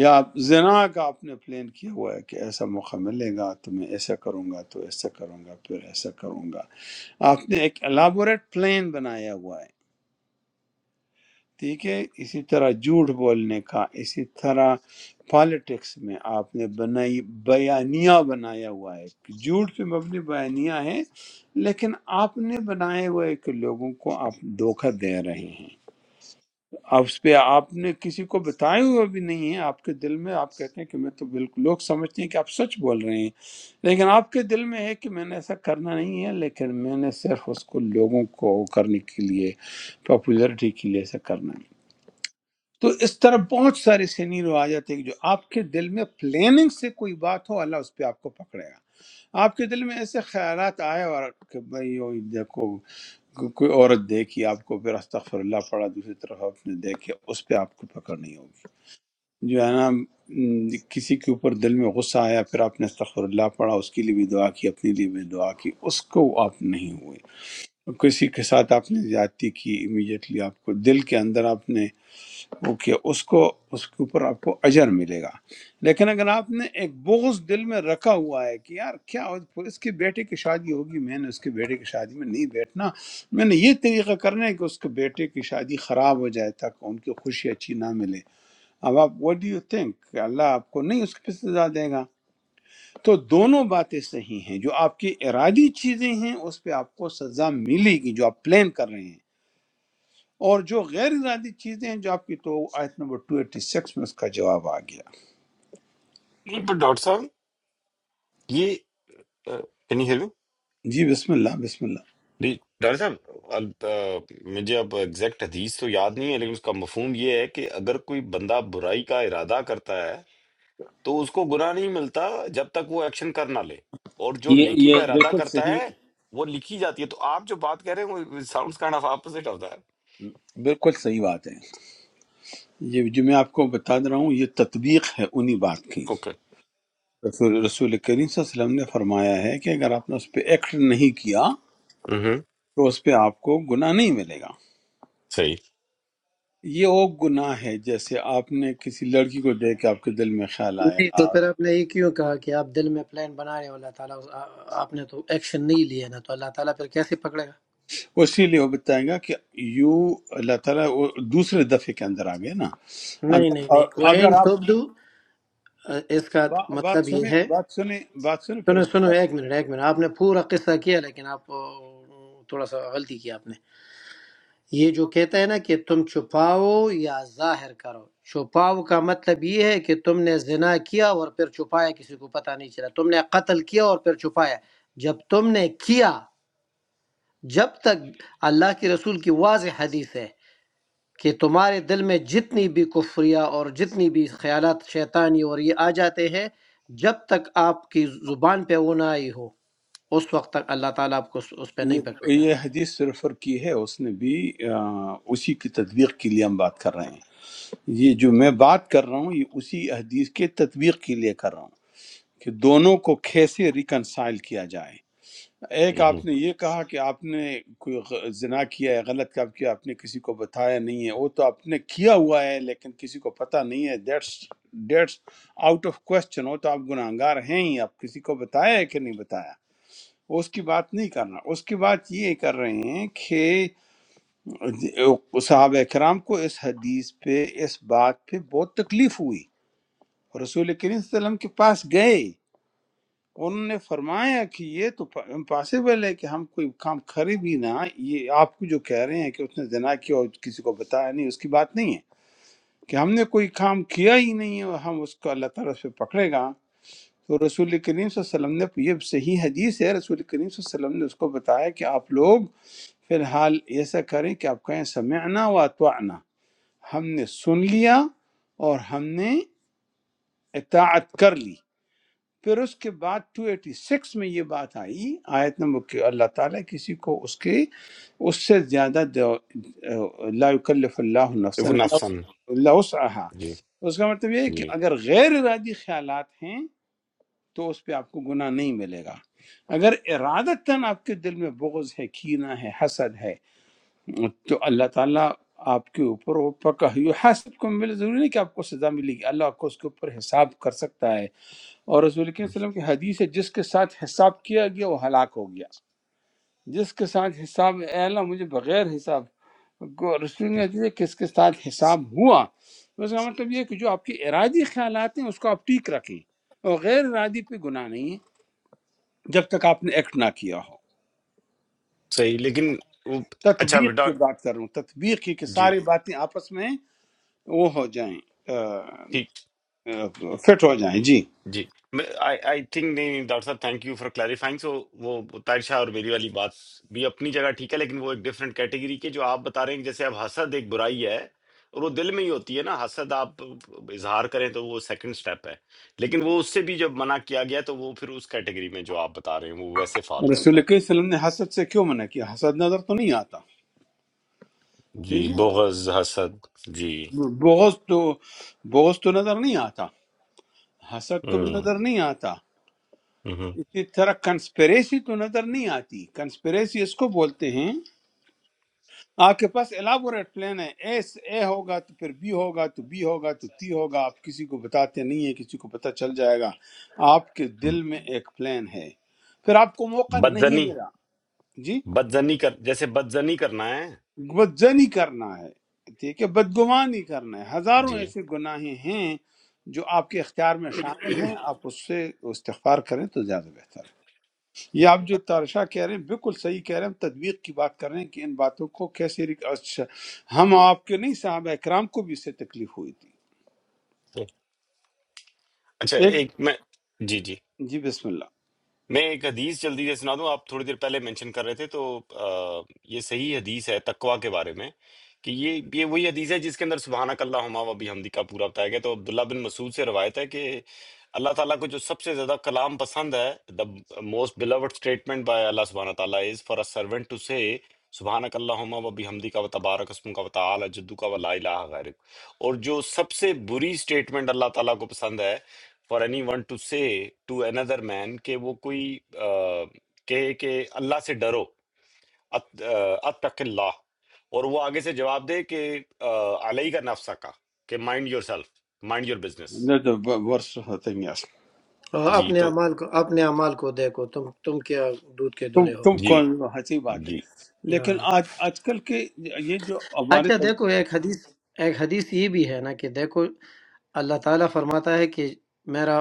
Speaker 2: یا آپ زنا کا آپ نے پلان کیا ہوا ہے کہ ایسا موقع ملے گا تو میں ایسا کروں گا تو ایسا کروں گا پھر ایسا کروں گا آپ نے ایک الابوریٹ پلان بنایا ہوا ہے ٹھیک ہے اسی طرح جھوٹ بولنے کا اسی طرح پالیٹکس میں آپ نے بنائی بیانیہ بنایا ہوا ہے جھوٹ پہ مبنی بیانیہ ہے لیکن آپ نے بنایا ہوا ہے کہ لوگوں کو آپ دھوکہ دے رہے ہیں آپ اس پہ آپ نے کسی کو بتایا ہوا بھی نہیں ہے آپ کے دل میں آپ کہتے ہیں کہ میں تو بالکل لوگ سمجھتے ہیں کہ آپ سچ بول رہے ہیں لیکن آپ کے دل میں ہے کہ میں نے ایسا کرنا نہیں ہے لیکن میں نے صرف اس کو لوگوں کو کرنے کے لیے پاپولرٹی کے لیے ایسا کرنا ہے تو اس طرح بہت سارے سینیرو آ جاتے ہیں کہ جو آپ کے دل میں پلاننگ سے کوئی بات ہو اللہ اس پہ آپ کو پکڑے گا آپ کے دل میں ایسے خیالات آئے اور کہ بھائی وہ دیکھو کو- کوئی عورت دیکھی آپ کو پھر استغفر اللہ پڑھا دوسری طرف آپ نے دیکھے اس پہ آپ کو پکڑ نہیں ہوگی جو ہے نا م، کسی کے اوپر دل میں غصہ آیا پھر آپ نے استغفر اللہ پڑھا اس کے لیے بھی دعا کی اپنے لیے بھی دعا کی اس کو آپ نہیں ہوئے کسی کے ساتھ آپ نے زیادتی کی امیجیٹلی آپ کو دل کے اندر آپ نے اوکے اس کو اس کے اوپر آپ کو اجر ملے گا لیکن اگر آپ نے ایک بغض دل میں رکھا ہوا ہے کہ یار کیا ہو- اس کے بیٹے کی شادی ہوگی میں نے اس کے بیٹے کی شادی میں نہیں بیٹھنا میں نے یہ طریقہ کرنا ہے کہ اس کے بیٹے کی شادی خراب ہو جائے تاکہ ان کی خوشی اچھی نہ ملے اب آپ وٹ ڈو یو تھنک اللہ آپ کو نہیں اس کی سزا دے گا تو دونوں باتیں صحیح ہیں جو آپ کی ارادی چیزیں ہیں اس پہ آپ کو سزا ملے گی جو آپ پلان کر رہے ہیں اور جو غیر ارادی چیزیں ہیں جو آپ کی تو آیت نمبر 286 میں اس کا جواب آ گیا
Speaker 1: پر ڈاکٹر صاحب یہ
Speaker 2: جی بسم اللہ بسم اللہ
Speaker 1: جی ڈاکٹر صاحب ال- آ، مجھے اب ایگزیکٹ حدیث تو یاد نہیں ہے لیکن اس کا مفہوم یہ ہے کہ اگر کوئی بندہ برائی کا ارادہ کرتا ہے تو اس کو گناہ نہیں ملتا جب تک وہ ایکشن کر نہ لے اور جو
Speaker 2: یہ
Speaker 1: نیکی
Speaker 2: یہ
Speaker 1: کا ارادہ
Speaker 2: بالکل
Speaker 1: کرتا ہے
Speaker 2: صحیح
Speaker 1: وہ لکھی جاتی ہے تو آپ جو بات کہہ رہے ہیں وہ ساؤنڈز کائنڈ آف اپوزٹ ہوتا ہے
Speaker 2: بالکل صحیح بات ہے یہ جو میں آپ کو بتا دے رہا ہوں یہ تطبیق ہے انہی بات کی
Speaker 1: اوکے
Speaker 2: رسول رسول کریم صلی اللہ علیہ وسلم نے فرمایا ہے کہ اگر آپ نے اس پہ ایکٹ نہیں کیا
Speaker 1: ہمم
Speaker 2: تو اس پہ آپ کو گناہ نہیں ملے گا
Speaker 1: صحیح
Speaker 2: یہ وہ گناہ ہے جیسے آپ نے کسی لڑکی کو دیکھ کے آپ کے دل میں خیال
Speaker 5: نہیں تو
Speaker 2: آیا
Speaker 5: پھر آپ نے یہ کیوں کہا کہ آپ دل میں پلان بنا رہے ہو اللہ تعالیٰ اس- آ- آ- آپ نے تو ایکشن نہیں لیا نا تو اللہ تعالیٰ پھر کیسے پکڑے گا
Speaker 2: اسی لیے وہ بتائے گا کہ یو اللہ تعالیٰ وہ دوسرے دفعے کے اندر آ گئے نا
Speaker 5: نہیں نہیں نہیں
Speaker 2: اگر
Speaker 5: وہ این
Speaker 2: اگر آپ
Speaker 5: تبدو آ، اس کا
Speaker 2: با- بات
Speaker 5: مطلب یہ
Speaker 2: سنیں
Speaker 5: ہے
Speaker 2: بات سنیں بات سنیں پھر
Speaker 5: سنو
Speaker 2: اس کے
Speaker 5: سنو
Speaker 2: بعد
Speaker 5: ایک منٹ ایک منٹ آپ نے پورا قصہ کیا لیکن آپ آ، تھوڑا سا غلطی کی آپ نے یہ جو کہتا ہے نا کہ تم چھپاؤ یا ظاہر کرو چھپاؤ کا مطلب یہ ہے کہ تم نے زنا کیا اور پھر چھپایا کسی کو پتہ نہیں چلا تم نے قتل کیا اور پھر چھپایا جب تم نے کیا جب تک اللہ کے رسول کی واضح حدیث ہے کہ تمہارے دل میں جتنی بھی کفریہ اور جتنی بھی خیالات شیطانی اور یہ آ جاتے ہیں جب تک آپ کی زبان پہ وہ نہ آئی ہو اس وقت تک اللہ تعالیٰ آپ کو اس اس پہ نہیں
Speaker 2: یہ
Speaker 5: پکڑے گا
Speaker 2: یہ حدیث ریفر کی ہے اس نے بھی آ، اسی کی تطبیق کے لیے ہم بات کر رہے ہیں یہ جو میں بات کر رہا ہوں یہ اسی حدیث کے تطبیق کے لیے کر رہا ہوں کہ دونوں کو کیسے ریکنسائل کیا جائے ایک
Speaker 1: ہمم
Speaker 2: آپ نے یہ کہا کہ آپ نے کوئی غ- زنا کیا ہے غلط کام کیا آپ نے کسی کو بتایا نہیں ہے وہ تو آپ نے کیا ہوا ہے لیکن کسی کو پتہ نہیں ہے that's that's out of question وہ تو آپ گناہگار ہیں ہی آپ کسی کو بتایا ہے کہ نہیں بتایا وہ اس کی بات نہیں کرنا اس کی بات یہ کر رہے ہیں کہ صحابہ کرام کو اس حدیث پہ اس بات پہ بہت تکلیف ہوئی رسول کریم صلی اللہ علیہ وسلم کے پاس گئے انہوں نے فرمایا کہ یہ تو امپاسبل ہے کہ ہم کوئی کام کرے بھی نہ یہ آپ کو جو کہہ رہے ہیں کہ اس نے زنا کیا اور کسی کو بتایا نہیں اس کی بات نہیں ہے کہ ہم نے کوئی کام کیا ہی نہیں ہے اور ہم اس کو اللہ تعالیٰ اس پہ پکڑے گا تو رسول کریم صلی اللہ علیہ وسلم نے یہ صحیح حدیث ہے رسول کریم صلی اللہ علیہ وسلم نے اس کو بتایا کہ آپ لوگ فی الحال ایسا کریں کہ آپ کہیں سمعنا و اتوانا ہم نے سن لیا اور ہم نے اطاعت کر لی پھر اس کے بعد 286 میں یہ بات آئی آیت نمبر کہ اللہ تعالیٰ کسی کو اس کے اس سے زیادہ دو- لا یکلف اللہ نفسا
Speaker 1: وہ نفسن
Speaker 2: الا
Speaker 1: جی
Speaker 2: وسعها اس کا مطلب یہ ہے کہ
Speaker 1: جی
Speaker 2: اگر غیر ارادی خیالات ہیں تو اس پہ آپ کو گناہ نہیں ملے گا اگر ارادتاً آپ کے دل میں بغض ہے کینہ ہے حسد ہے تو اللہ تعالیٰ آپ کے اوپر وہ پکا حسد کو ملے ضروری نہیں کہ آپ کو سزا ملے گی اللہ آپ کو اس کے اوپر حساب کر سکتا ہے اور رسول کریم صلی اللہ علیہ وسلم کی حدیث ہے جس کے ساتھ حساب کیا گیا وہ ہلاک ہو گیا جس کے ساتھ حساب اے اللہ مجھے بغیر حساب کو رسول نے حدیث ہے کس کے ساتھ حساب ہوا تو اس کا مطلب یہ ہے کہ جو آپ کے ارادی خیالات ہیں اس کو آپ ٹھیک رکھیں اور غیر ارادی پہ گناہ نہیں ہے جب تک آپ نے ایکٹ نہ کیا ہو
Speaker 1: صحیح لیکن وہ اچھا
Speaker 2: تطبیق
Speaker 1: بیٹا
Speaker 2: کی بات کر رہا ہوں تطبیق کی کہ
Speaker 1: جی
Speaker 2: ساری باتیں آپس میں وہ ہو جائیں
Speaker 1: ٹھیک
Speaker 2: فٹ ہو جائیں جی
Speaker 1: جی میں آئی تھنک نہیں نہیں، ڈاکٹر صاحب thank you for clarifying so وہ طاہر شاہ اور میری والی بات بھی اپنی جگہ ٹھیک ہے لیکن وہ ایک ڈفرینٹ کیٹیگری کے جو آپ بتا رہے ہیں کہ جیسے اب حسد ایک برائی ہے اور وہ دل میں ہی ہوتی ہے نا حسد آپ اظہار کریں تو وہ سیکنڈ سٹیپ ہے لیکن وہ اس سے بھی جب منع کیا گیا تو وہ پھر اس کیٹیگری میں جو آپ بتا رہے ہیں وہ ویسے فال کرتا
Speaker 2: رسول کریم صلی اللہ علیہ وسلم نے حسد سے کیوں منع کیا حسد نظر تو نہیں آتا
Speaker 1: ہے جی
Speaker 2: ٹھیک ہے
Speaker 1: بغض حسد جی
Speaker 2: بغض تو بغض تو نظر نہیں آتا حسد تو
Speaker 1: ہم،
Speaker 2: نظر نہیں آتا
Speaker 1: ہم،
Speaker 2: اسی طرح کنسپریسی تو نظر نہیں آتی کنسپریسی اس کو بولتے ہیں آپ کے پاس الیبوریٹ پلان ہے اے اے ہوگا تو پھر بی ہوگا تو بی ہوگا تو تی ہوگا آپ کسی کو بتاتے نہیں ہیں کسی کو پتہ چل جائے گا آپ کے
Speaker 1: ہم۔
Speaker 2: دل میں ایک پلان ہے پھر آپ کو موقع نہیں
Speaker 1: بدزنی
Speaker 2: ملا جی
Speaker 1: بدزنی کر جیسے بدزنی کرنا ہے
Speaker 2: بد زنی کرنا ہے ٹھیک ہے بدگمانی کرنا ہے ہزاروں
Speaker 1: جی
Speaker 2: ایسے گناہیں ہیں جو آپ کے اختیار میں شامل ہیں آپ اس سے استغفار کریں تو زیادہ بہتر ہے یہ آپ جو ترشا کہہ رہے ہیں بالکل صحیح کہہ رہے ہیں ہم تدویق کی بات کر رہے ہیں کہ ان باتوں کو کیسے ریک- اچھا، ہم آپ کے نہیں صحابہ اکرام کو بھی اس سے تکلیف ہوئی تھی
Speaker 1: اچھا
Speaker 2: ایک
Speaker 1: ایک میں جی جی
Speaker 2: جی بسم اللہ
Speaker 1: میں ایک حدیث جلدی سے سنا دوں آپ تھوڑی دیر پہلے مینشن کر رہے تھے تو آ، یہ صحیح حدیث ہے تقوا کے بارے میں کہ یہ یہ وہی حدیث ہے جس کے اندر سبحانک اللہم و بحمدی کا پورا بتایا گیا تو عبداللہ بن مسعود سے روایت ہے کہ اللہ تعالیٰ کو جو سب سے زیادہ کلام پسند ہے the most beloved statement by اللہ سبحانہ تعالیٰ is for a servant to say سبحانک اللہم و بحمدی کا و تبارک اسم کا و تعالی جدو کا و لا الہ غیرک اور جو سب سے بری سٹیٹمنٹ اللہ تعالیٰ کو پسند ہے فار اینی ون ٹو سے ٹو another مین کہ وہ کوئی آ، کہے کہ اللہ سے ڈرو ات- آ، اتق اللہ اور وہ آگے سے جواب دے کہ آ، علیہ کا نفسہ کا کہ mind yourself mind your business
Speaker 2: نہیں تو ب- ورس ہوتے ہیں یس۔
Speaker 5: اور
Speaker 1: جی
Speaker 5: اپنے
Speaker 1: تو
Speaker 5: اعمال کو اپنے اعمال کو دیکھو تم تم کیا دودھ کے
Speaker 2: تم
Speaker 5: دلے ہو
Speaker 2: تم
Speaker 1: جی
Speaker 2: کون ہنسی بات ہے
Speaker 1: جی
Speaker 2: لیکن
Speaker 5: ہاں
Speaker 2: آج آج کل کے یہ جو
Speaker 5: اچھا
Speaker 2: ہمارے
Speaker 5: دیکھو ایک حدیث ایک حدیث یہ بھی ہے نا کہ دیکھو اللہ تعالیٰ فرماتا ہے کہ میرا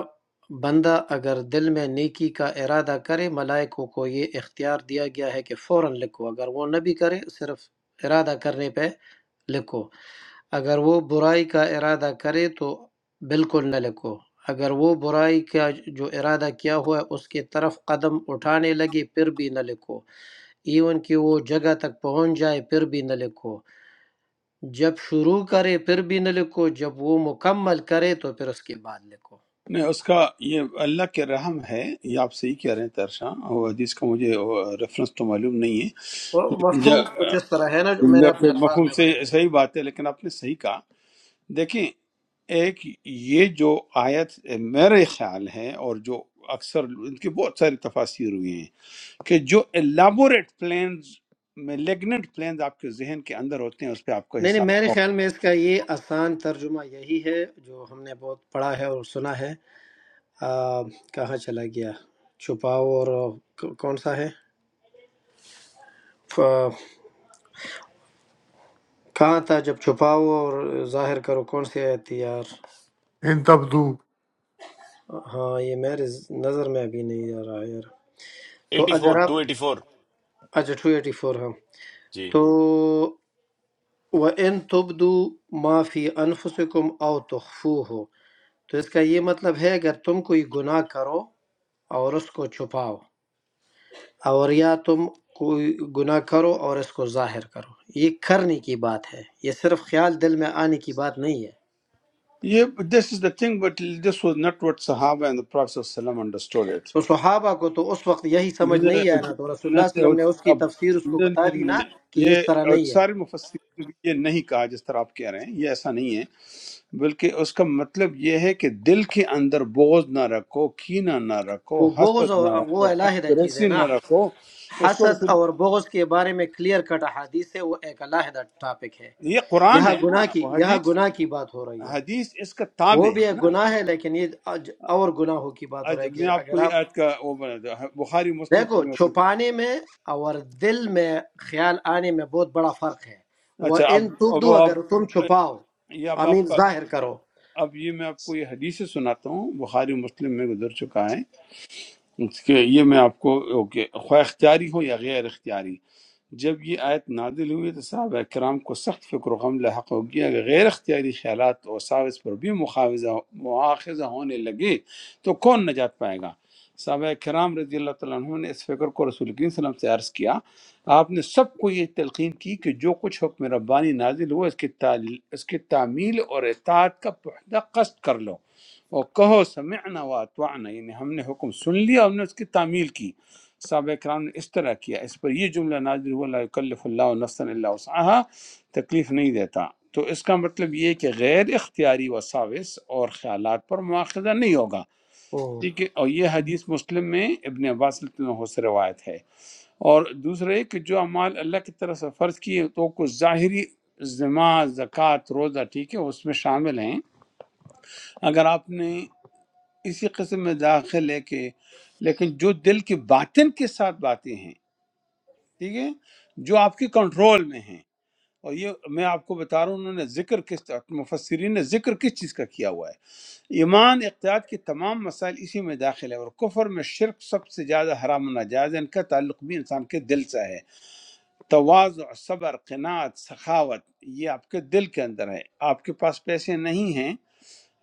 Speaker 5: بندہ اگر دل میں نیکی کا ارادہ کرے ملائکوں کو یہ اختیار دیا گیا ہے کہ فوراً لکھو اگر وہ نہ بھی کرے صرف ارادہ کرنے پہ لکھو اگر وہ برائی کا ارادہ کرے تو بالکل نہ لکھو اگر وہ برائی کا جو ارادہ کیا ہوا ہے اس کی طرف قدم اٹھانے لگے پھر بھی نہ لکھو ایون کہ وہ جگہ تک پہنچ جائے پھر بھی نہ لکھو جب شروع کرے پھر بھی نہ لکھو جب وہ مکمل کرے تو پھر اس کے بعد لکھو
Speaker 2: نہیں اس کا یہ اللہ کے رحم ہے یہ آپ صحیح کہہ رہے ہیں ترشاں وہ حدیث کا مجھے ریفرنس تو معلوم نہیں ہے
Speaker 5: وہ
Speaker 2: لیکن
Speaker 5: مفہوم کچھ
Speaker 2: جا-
Speaker 5: اس طرح ہے نا جو میں نے اپنے
Speaker 2: کے
Speaker 5: الفاظ
Speaker 2: مفہوم
Speaker 5: میں
Speaker 2: سے
Speaker 5: بیان کیا
Speaker 2: صحیح بات ہے لیکن آپ نے صحیح کہا دیکھیں ایک یہ جو آیت میرے خیال ہے اور جو اکثر ان کی بہت ساری تفاسیر ہوئی ہیں کہ جو الیبوریٹ پلانز میلیگنٹ پلانز آپ کے ذہن کے اندر ہوتے ہیں اس پہ آپ کو
Speaker 5: نہیں نہیں
Speaker 2: حساب
Speaker 5: میرے
Speaker 2: ہوگا۔
Speaker 5: خیال میں اس کا یہ آسان ترجمہ یہی ہے جو ہم نے بہت پڑھا ہے اور سنا ہے آ، کہاں چلا گیا چھپاؤ اور آ، کون سا ہے ف- کہاں تھا جب چھپاؤ اور ظاہر کرو کون سی آیت تھی یار
Speaker 6: In tabdou,
Speaker 5: ہاں یہ میرے نظر میں ابھی نہیں آ رہا ہے یار تو
Speaker 1: ایٹی فور
Speaker 5: اگر آپ
Speaker 1: ٹو ایٹی فور
Speaker 5: اچھا ٹو ایٹی فور ہاں
Speaker 1: جی
Speaker 5: تو وَإِن تُبْدُوا مَا فِي أَنفُسِكُمْ أَوْ تُخْفُوهُ تو اس کا یہ مطلب ہے اگر تم کوئی گناہ کرو اور اس کو چھپاؤ اور یا تم کوئی گناہ کرو اور اس کو ظاہر کرو یہ کرنے کی بات ہے یہ صرف خیال دل میں آنے کی بات نہیں ہے
Speaker 2: یہ this is the thing but this was not what صحابہ اینڈ the prophet صلی اللہ علیہ وسلم understood it
Speaker 5: تو صحابہ کو تو اس وقت یہی سمجھ نہیں آیا
Speaker 2: اب
Speaker 5: نا تو رسول اللہ صلی اللہ علیہ وسلم نے اس کی تفسیر اس کو بتا دی نا کہ یہ
Speaker 2: یہ
Speaker 5: اس طرح
Speaker 2: اور
Speaker 5: نہیں ہے
Speaker 2: سارے مفسرین نے یہ نہیں کہا جس طرح آپ کہہ رہے ہیں یہ ایسا نہیں ہے بلکہ اس کا مطلب یہ ہے کہ دل کے اندر بغض نہ رکھو کینہ نہ رکھو
Speaker 5: وہ بغض
Speaker 2: حسد نہ
Speaker 5: اور وہ
Speaker 2: رکھو
Speaker 5: علیحدہ چیز ہے
Speaker 2: کنسپریسی
Speaker 5: نا
Speaker 2: نہ رکھو اس کو
Speaker 5: حسد
Speaker 2: رسول
Speaker 5: اور بغض کے بارے میں کلیئر کٹ احادیث ہے وہ ایک علیحدہ ٹاپک ہے
Speaker 2: یہ قرآن
Speaker 5: یہاں
Speaker 2: ہے نا
Speaker 5: گناہ کی
Speaker 2: وہ
Speaker 5: یہاں
Speaker 2: حدیث
Speaker 5: گناہ کی بات ہو رہی ہے
Speaker 2: حدیث اس کا
Speaker 5: وہ
Speaker 2: تابع
Speaker 5: بھی
Speaker 2: ہے
Speaker 5: ایک
Speaker 2: نا
Speaker 5: گناہ ہے لیکن یہ اج- اور گناہوں کی بات ہو رہی
Speaker 2: آج
Speaker 5: ہے کہ
Speaker 2: میں آپ کو
Speaker 5: اگر
Speaker 2: یہ
Speaker 5: آپ
Speaker 2: آج کا وہ بنا دوں بخاری مسلم
Speaker 5: دیکھو
Speaker 2: کی میں-
Speaker 5: چھپانے میں اور دل میں خیال آنے میں بہت بڑا فرق ہے وہ
Speaker 2: اچھا
Speaker 5: ان
Speaker 2: اب اب
Speaker 5: تبدو
Speaker 2: آپ
Speaker 5: اگر تم چھپاؤ
Speaker 2: یہ اب
Speaker 5: امین
Speaker 2: آپ کا
Speaker 5: ظاہر کرو
Speaker 2: اب یہ میں آپ کو یہ حدیث سے سناتا ہوں بخاری و مسلم میں گزر چکا ہے اس کے یہ میں آپ کو اوکے خواہ اختیاری ہو یا غیر اختیاری جب یہ آیت نادل ہوئی تو صحابہ کرام کو سخت فکر و غم لاحق ہو گیا کہ غیر اختیاری خیالات اور ساوس پر بھی مخاوضہ مواخذہ ہونے لگے تو کون نجات پائے گا صحابہ کرام رضی اللہ تعالیٰ عنہ نے اس فکر کو رسول کریم صلی اللہ علیہ وسلم سے عرض کیا آپ نے سب کو یہ تلقین کی کہ جو کچھ حکم ربانی نازل ہوا اس کی تعلیل اس کی تعمیل اور اطاعت کا پختہ قصد کر لو اور کہو سمعنا و یعنی ہم نے حکم سن لیا ہم نے اس کی تعمیل کی صحابہ کرام نے اس طرح کیا اس پر یہ جملہ نازل ہوا لا یکلف اللہ نفسا الا وسعها تکلیف نہیں دیتا تو اس کا مطلب یہ ہے کہ غیر اختیاری وساوس اور خیالات پر مواخذہ نہیں ہوگا
Speaker 5: ہوں،
Speaker 2: ٹھیک ہے اور یہ حدیث مسلم میں ابن عباس رضی اللہ عنہ سے روایت ہے اور دوسرے کہ جو اعمال اللہ کی طرف سے فرض کیے تو کچھ ظاہری ذمہ زکوٰۃ روزہ ٹھیک ہے اس میں شامل ہیں اگر آپ نے اسی قسم میں داخل ہے کہ لیکن جو دل کی باطن کے ساتھ باتیں ہیں ٹھیک ہے جو آپ کی کنٹرول میں ہیں اور یہ میں آپ کو بتا رہا ہوں انہوں نے ذکر کس مفسرین نے ذکر کس چیز کا کیا ہوا ہے ایمان اقتیاد کے تمام مسائل اسی میں داخل ہے اور کفر میں شرک سب سے زیادہ حرام و ناجائز ہے ان کا تعلق بھی انسان کے دل سے ہے تواضع صبر قناعت سخاوت یہ آپ کے دل کے اندر ہے آپ کے پاس پیسے نہیں ہیں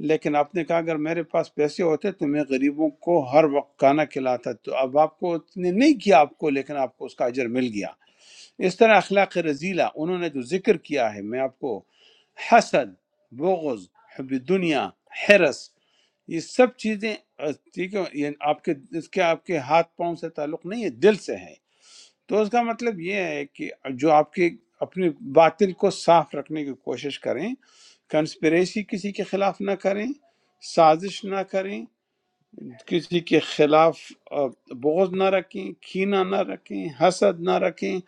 Speaker 2: لیکن آپ نے کہا اگر میرے پاس پیسے ہوتے تو میں غریبوں کو ہر وقت کھانا کھلاتا تو اب آپ کو اتنے نہیں کیا آپ کو لیکن آپ کو اس کا اجر مل گیا اس طرح اخلاق رزیلہ انہوں نے جو ذکر کیا ہے میں آپ کو حسد بغض حب دنیا حرس یہ سب چیزیں اہ، ٹھیک ہے یہ آپ کے اس کے آپ کے ہاتھ پاؤں سے تعلق نہیں ہے دل سے ہے تو اس کا مطلب یہ ہے کہ جو آپ کے اپنے باطل کو صاف رکھنے کی کوشش کریں کنسپریسی کسی کے خلاف نہ کریں سازش نہ کریں کسی کے خلاف آ، بغض نہ رکھیں کینہ نہ رکھیں حسد نہ رکھیں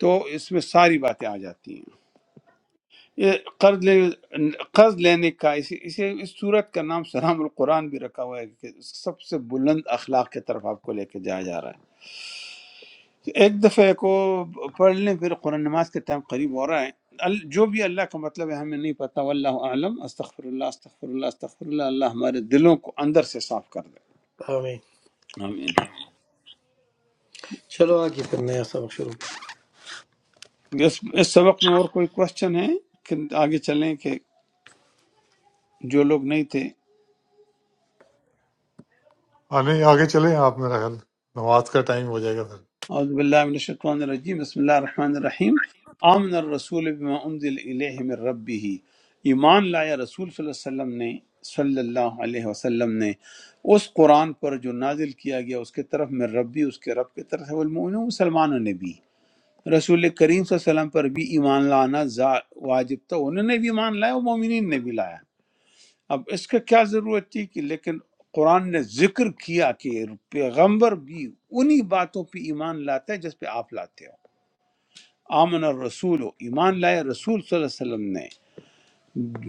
Speaker 2: تو اس میں ساری باتیں آ جاتی ہیں یہ قرض لے قرض لینے کا اسی اسے اس صورت کا نام سلام القرآن بھی رکھا ہوا ہے کہ سب سے بلند اخلاق کی طرف آپ کو لے کے جایا جا رہا ہے ایک دفعہ کو پڑھ لیں پھر قرآن نماز کے ٹائم قریب ہو رہا ہے ال- جو بھی اللہ کا مطلب ہے ہمیں نہیں پتہ واللہ اعلم استغفر اللہ استغفر اللہ استغفر اللہ اللہ ہمارے دلوں کو اندر سے صاف کر دے
Speaker 5: آمین
Speaker 2: آمین
Speaker 5: چلو آگے پھر نیا سبق شروع
Speaker 2: اس اس سبق میں اور کوئی کوشچن ہے کہ آگے چلیں کہ جو لوگ نہیں تھے
Speaker 6: let's go ahead and continue. Nawaz, the time will be here.
Speaker 2: اعوذ باللہ من الشیطان الرجیم بسم اللہ الرحمن الرحیم آمن الرسول بما انزل الیہ من ربہ ایمان لایا رسول صلی اللہ علیہ وسلم نے صلی اللہ علیہ وسلم نے اس قرآن پر جو نازل کیا گیا اس کے طرف میں ربی اس کے رب کی طرف سے والمؤمنون مسلمانوں نے بھی رسول کریم صلی اللہ علیہ وسلم پر بھی ایمان لانا زا- واجب تھا انہوں نے بھی ایمان لایا اور مومنین نے بھی لایا اب اس کا کیا ضرورت تھی کہ لیکن قرآن نے ذکر کیا کہ پیغمبر بھی انہی باتوں پہ ایمان لاتا ہے جس پہ آپ لاتے ہو آمن الرسول ایمان لائے رسول صلی اللہ علیہ وسلم نے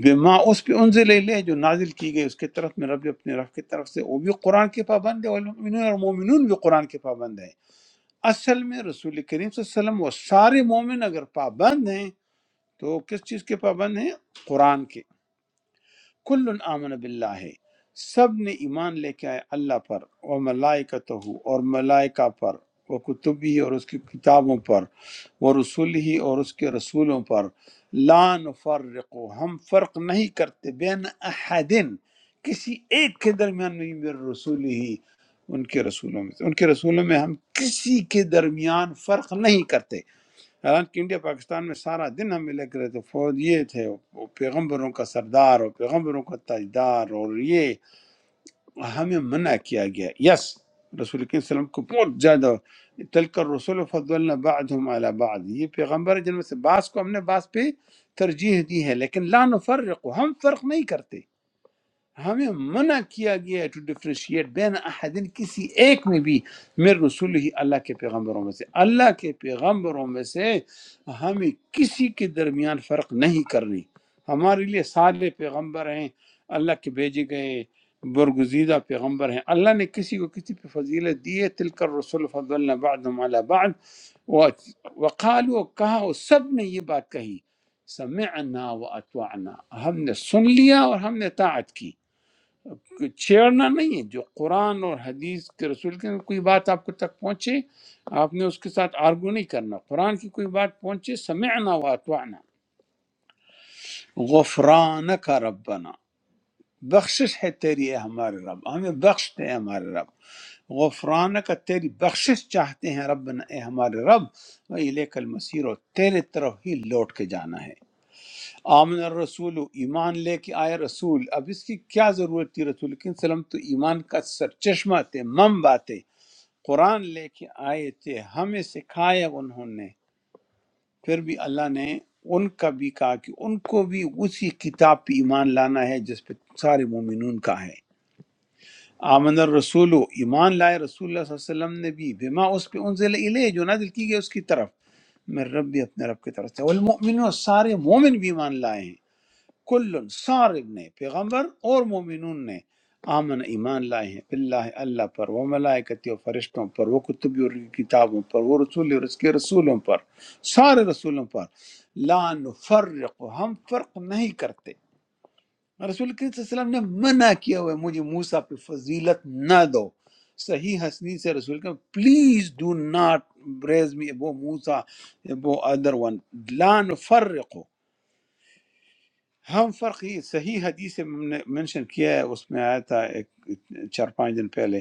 Speaker 2: بما اس پہ انزل لے جو نازل کی گئی اس کے طرف میں رب اپنے رب کی طرف سے وہ بھی قرآن کے پابند ہے والمؤمنون اور مومنون بھی قرآن کے پابند ہیں اصل میں رسول کریم صلی اللہ علیہ وسلم وہ سارے مومن اگر پابند ہیں تو کس چیز کے پابند ہیں قرآن کے۔ کل آمن باللہ سب نے ایمان لے کے آئے اللہ پر اور ملائکتہ اور ملائکہ پر وہ کتبی اور اس کی کتابوں پر وہ رسول ہی اور اس کے رسولوں پر لا نفرق ہم فرق نہیں کرتے بین احدن کسی ایک کے درمیان نہیں میرے رسول ہی ان کے رسولوں میں سے ان کے رسولوں میں ہم کسی کے درمیان فرق نہیں کرتے حالانکہ انڈیا پاکستان میں سارا دن ہم ملے کرے تھے فوج یہ تھے وہ پیغمبروں کا سردار اور پیغمبروں کا تاجدار اور یہ ہمیں منع کیا گیا یس رسول کریم صلی اللہ علیہ وسلم کو بہت زیادہ تلکر رسول فضلنا بعضهم علی بعض یہ پیغمبر ہیں جن میں سے بعض کو ہم نے بعض پہ ترجیح دی ہے لیکن لا نفرق ہم فرق نہیں کرتے ہمیں منع کیا گیا ہے ٹو ڈفرینشیٹ بین احدین کسی ایک میں بھی میرے رسول ہی اللہ کے پیغمبروں میں سے اللہ کے پیغمبروں میں سے ہمیں کسی کے درمیان فرق نہیں کرنی ہمارے لیے سارے پیغمبر ہیں اللہ کے بھیجے گئے برگزیدہ پیغمبر ہیں اللہ نے کسی کو کسی پہ فضیلت دی ہے تلکر رسول فضل بعد بعد وقالو اور کہا اور سب نے یہ بات کہی سمعنا و ہم نے سن لیا اور ہم نے طاعت کی چھیڑنا نہیں ہے جو قرآن اور حدیث کے رسول کے کوئی بات آپ کو تک پہنچے آپ نے اس کے ساتھ آرگو نہیں کرنا قرآن کی کوئی بات پہنچے سمعنا واتوانا غفران کا ربنا بخشش ہے تیری اے ہمارے رب ہمیں بخش دے اے ہمارے رب غفران کا تیری بخشش چاہتے ہیں ربنا اے ہمارے رب و الیک المصیر اور تیرے طرف ہی لوٹ کے جانا ہے آمن الرسول ایمان لے کے آئے رسول اب اس کی کیا ضرورت تھی رسول کے سلم تو ایمان کا سرچشمہ تھے مم باتیں قرآن لے کے آئے تھے ہمیں سکھایا انہوں نے پھر بھی اللہ نے ان کا بھی کہا کہ ان کو بھی اسی کتاب پہ ایمان لانا ہے جس پہ سارے مومنون کا ہے آمن الرسول ایمان لائے رسول اللہ صلی اللہ علیہ وسلم نے بھی بما اس پہ انزل الیہ جو نازل کی گئی اس کی طرف میں رب بھی اپنے رب کی طرف سے والمؤمنون سارے مومن بھی ایمان لائے ہیں کل سارب نے پیغمبر اور مومنون نے آمن ایمان لائے ہیں اللہ اللہ پر وہ ملائکتی و فرشتوں پر وہ کتبی اور ان کی کتابوں پر وہ رسول اور اس کے رسولوں پر سارے رسولوں پر لا نفرق ہم فرق نہیں کرتے رسول کریم صلی اللہ علیہ وسلم نے منع کیا ہوا ہے مجھے موسیٰ پہ فضیلت نہ دو صحیح حسنی سے رسول کریم please do not raise me ابو موسیٰ ابو ادر ون لا نفرق ہم فرق یہ صحیح حدیث میں ہم نے مینشن کیا ہے اس میں آیا تھا ایک چار پانچ دن پہلے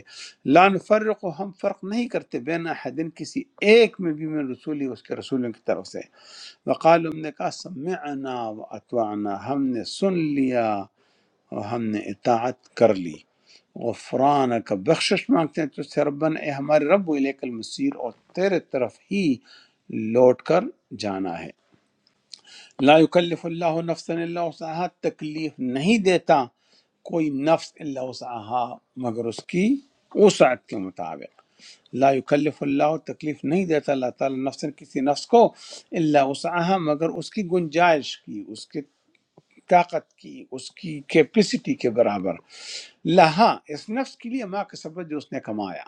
Speaker 2: لان فرق و ہم فرق نہیں کرتے بین احدن کسی ایک میں بھی من رسولی اس کے رسولوں کی طرف سے وقال ہم نے کہا سمعنا و اتوانا ہم نے سن لیا اور ہم نے اطاعت کر لی غفران کا بخشش مانگتے ہیں تو سے ربنا اے ہمارے رب و الیک المصیر اور تیرے طرف ہی لوٹ کر جانا ہے لا یکلف اللہ نفسا الا وسعها تکلیف نہیں دیتا کوئی نفس الا وسعها مگر اس کی وسعت کے مطابق لا یکلف اللہ تکلیف نہیں دیتا اللہ تعالی نفس کسی نفس کو الا وسعها مگر اس کی گنجائش کی اس کی طاقت کی اس کی کیپیسٹی کے برابر لہا اس نفس کے لیے ماں کا سبب جو اس نے کمایا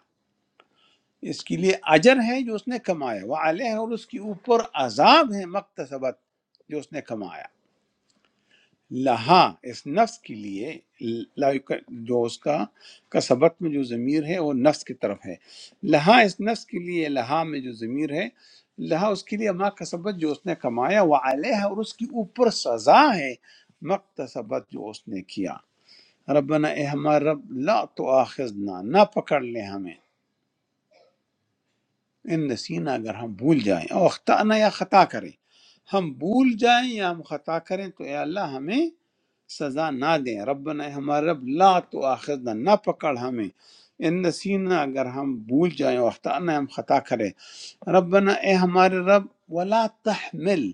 Speaker 2: اس کے لیے اجر ہے جو اس نے کمایا وہ علیہ اور اس کے اوپر عذاب ہے مقتصبت جو اس نے کمایا لہا اس نفس کے لیے لا یق- جو اس کا کا سبق میں جو ضمیر ہے وہ نفس کی طرف ہے لہا اس نفس کے لیے لہا میں جو ضمیر ہے لہا اس کے لیے ماں کا سبق جو اس نے کمایا وہ علیہ اور اس کی اوپر سزا ہے مقتصبت جو اس نے کیا ربنا اے ہمارا رب لا تو آخذنا نہ پکڑ لے ہمیں ان نسینا اگر ہم بھول جائیں او اختانا یا خطا کریں ہم بھول جائیں یا ہم خطا کریں تو اے اللہ ہمیں سزا نہ دیں ربنا اے ہمارے رب لا تو آخذنا نہ پکڑ ہمیں ان نسینا اگر ہم بھول جائیں او اختانا ہم خطا کریں ربنا اے ہمارے رب ولا تحمل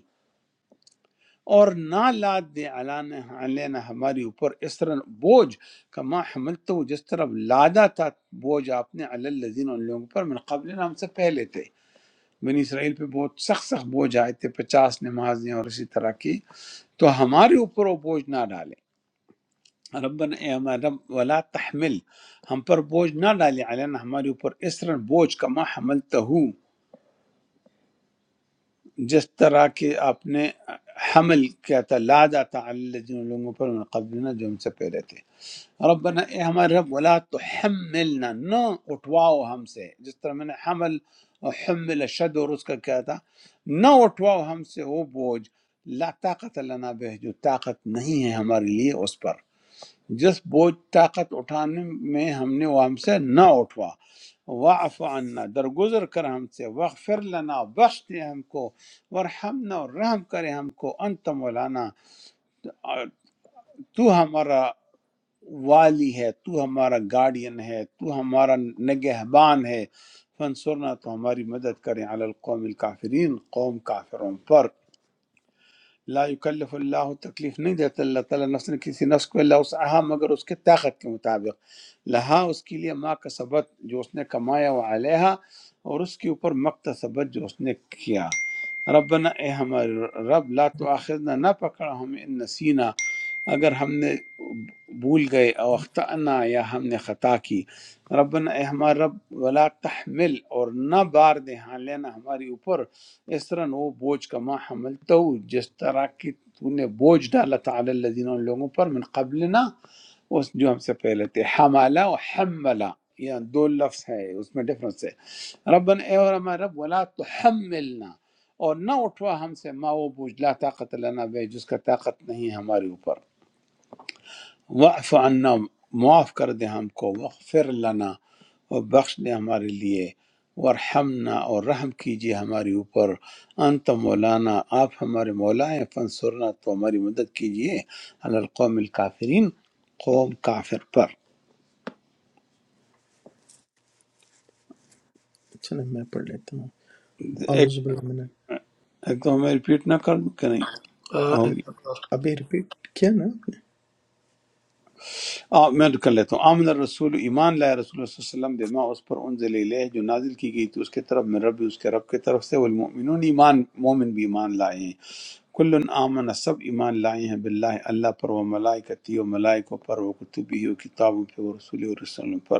Speaker 2: اور نہ لاد دے علانا علینا ہماری اوپر اس طرح بوجھ کما حملتو جس طرح لادا تھا بوجھ آپ نے علی الذین ان لوگوں پر من قبلنا ہم سے پہلے تھے بنی اسرائیل پہ بہت سخت سخت بوجھ آئے تھے پچاس نمازیں اور اسی طرح کی تو ہمارے اوپر وہ بوجھ نہ ڈالے ربنا اے ہمارے رب ولا تحمل ہم پر بوجھ نہ ڈالے علینا ہمارے اوپر اس طرح بوجھ کما حملتہ جس طرح کہ آپ نے حمل کیا تھا لادا تھا اللہ جن لوگوں پر من قبلنا جو ہم سے پہلے تھے ربنا اے ہمارے رب ولا تحملنا نہ اٹھواؤ ہم سے جس طرح میں نے حمل اور حمل شد اور اس کا کیا تھا نہ اٹھواؤ ہم سے وہ بوجھ لا طاقت لنا بہ جو طاقت نہیں ہے ہمارے لیے اس پر جس بوجھ طاقت اٹھانے میں ہم نے وہ ہم سے نہ اٹھوا واعف عنا درگزر کر ہم سے واغفر لنا بخش دے ہم کو ورحمنا اور رحم کرے ہم کو انت مولانا اور تو ہمارا والی ہے تو ہمارا گارڈین ہے تو ہمارا نگہبان ہے فانصرنا تو ہماری مدد کریں علی القوم الکافرین قوم کافروں پر لا یکلف اللہ تکلیف نہیں دیتا اللہ تعالیٰ نفس نے کسی نفس کو اللہ اسعہا مگر اس کے طاقت کے مطابق لہا اس کے لیے ما کا ثبت جو اس نے کمایا وہ علیہا اور اس کے اوپر مقت ثبت جو اس نے کیا ربنا اے ہمارے رب لا تو نہ پکڑا ہمیں ان نسینا اگر ہم نے بھول گئے او اختعنا یا ہم نے خطا کی ربنا اے ہمارا رب ولا تحمل اور نہ بار دے ہاں لینا ہماری اوپر اس طرح وہ بوجھ کا ما حملتو جس طرح کہ تو نے بوجھ ڈالا تھا علی الذین ان لوگوں پر من قبلنا اس جو ہم سے پہلے تھے حمالا و حملا یہ دو لفظ ہے اس میں ڈفرنس ہے ربنا اے اور ہمارا رب ولا تحملنا اور نہ اٹھوا ہم سے ما وہ بوجھ لا طاقت لنا بے جس کا طاقت نہیں ہے ہمارے اوپر واعف عنا معاف کر دے ہم کو وغفر لنا اور بخش دے ہمارے لیے ورحمنا اور رحم کیجیے ہمارے اوپر انت مولانا آپ ہمارے مولا ہیں فنسرنا تو ہماری مدد کیجیے علی القوم الکافرین قوم کافر پر
Speaker 4: چلے میں پڑھ لیتا ہوں
Speaker 2: ایک
Speaker 4: اعوذ باللہ من
Speaker 2: ایک تو ہمیں ریپیٹ نہ کر دوں کہ نہیں
Speaker 5: کریں۔ آ،
Speaker 2: ہوگی
Speaker 4: ابھی ریپیٹ کیا نا
Speaker 2: آ، میں کر لیتا ہوں آمن الرسول ایمان لائے رسول اللہ صلی اللہ علیہ وسلم بما اس پر انزل الیہ جو نازل کی گئی تھی اس کے طرف میں رب اس کے رب کی طرف سے والمؤمنون ایمان مومن بھی ایمان لائے ہیں کل آمن سب ایمان لائے ہیں باللہ اللہ پر وہ ملائکتی و ملائکوں پر وہ کتبی و کتابوں پہ وہ رسول و رسولوں پر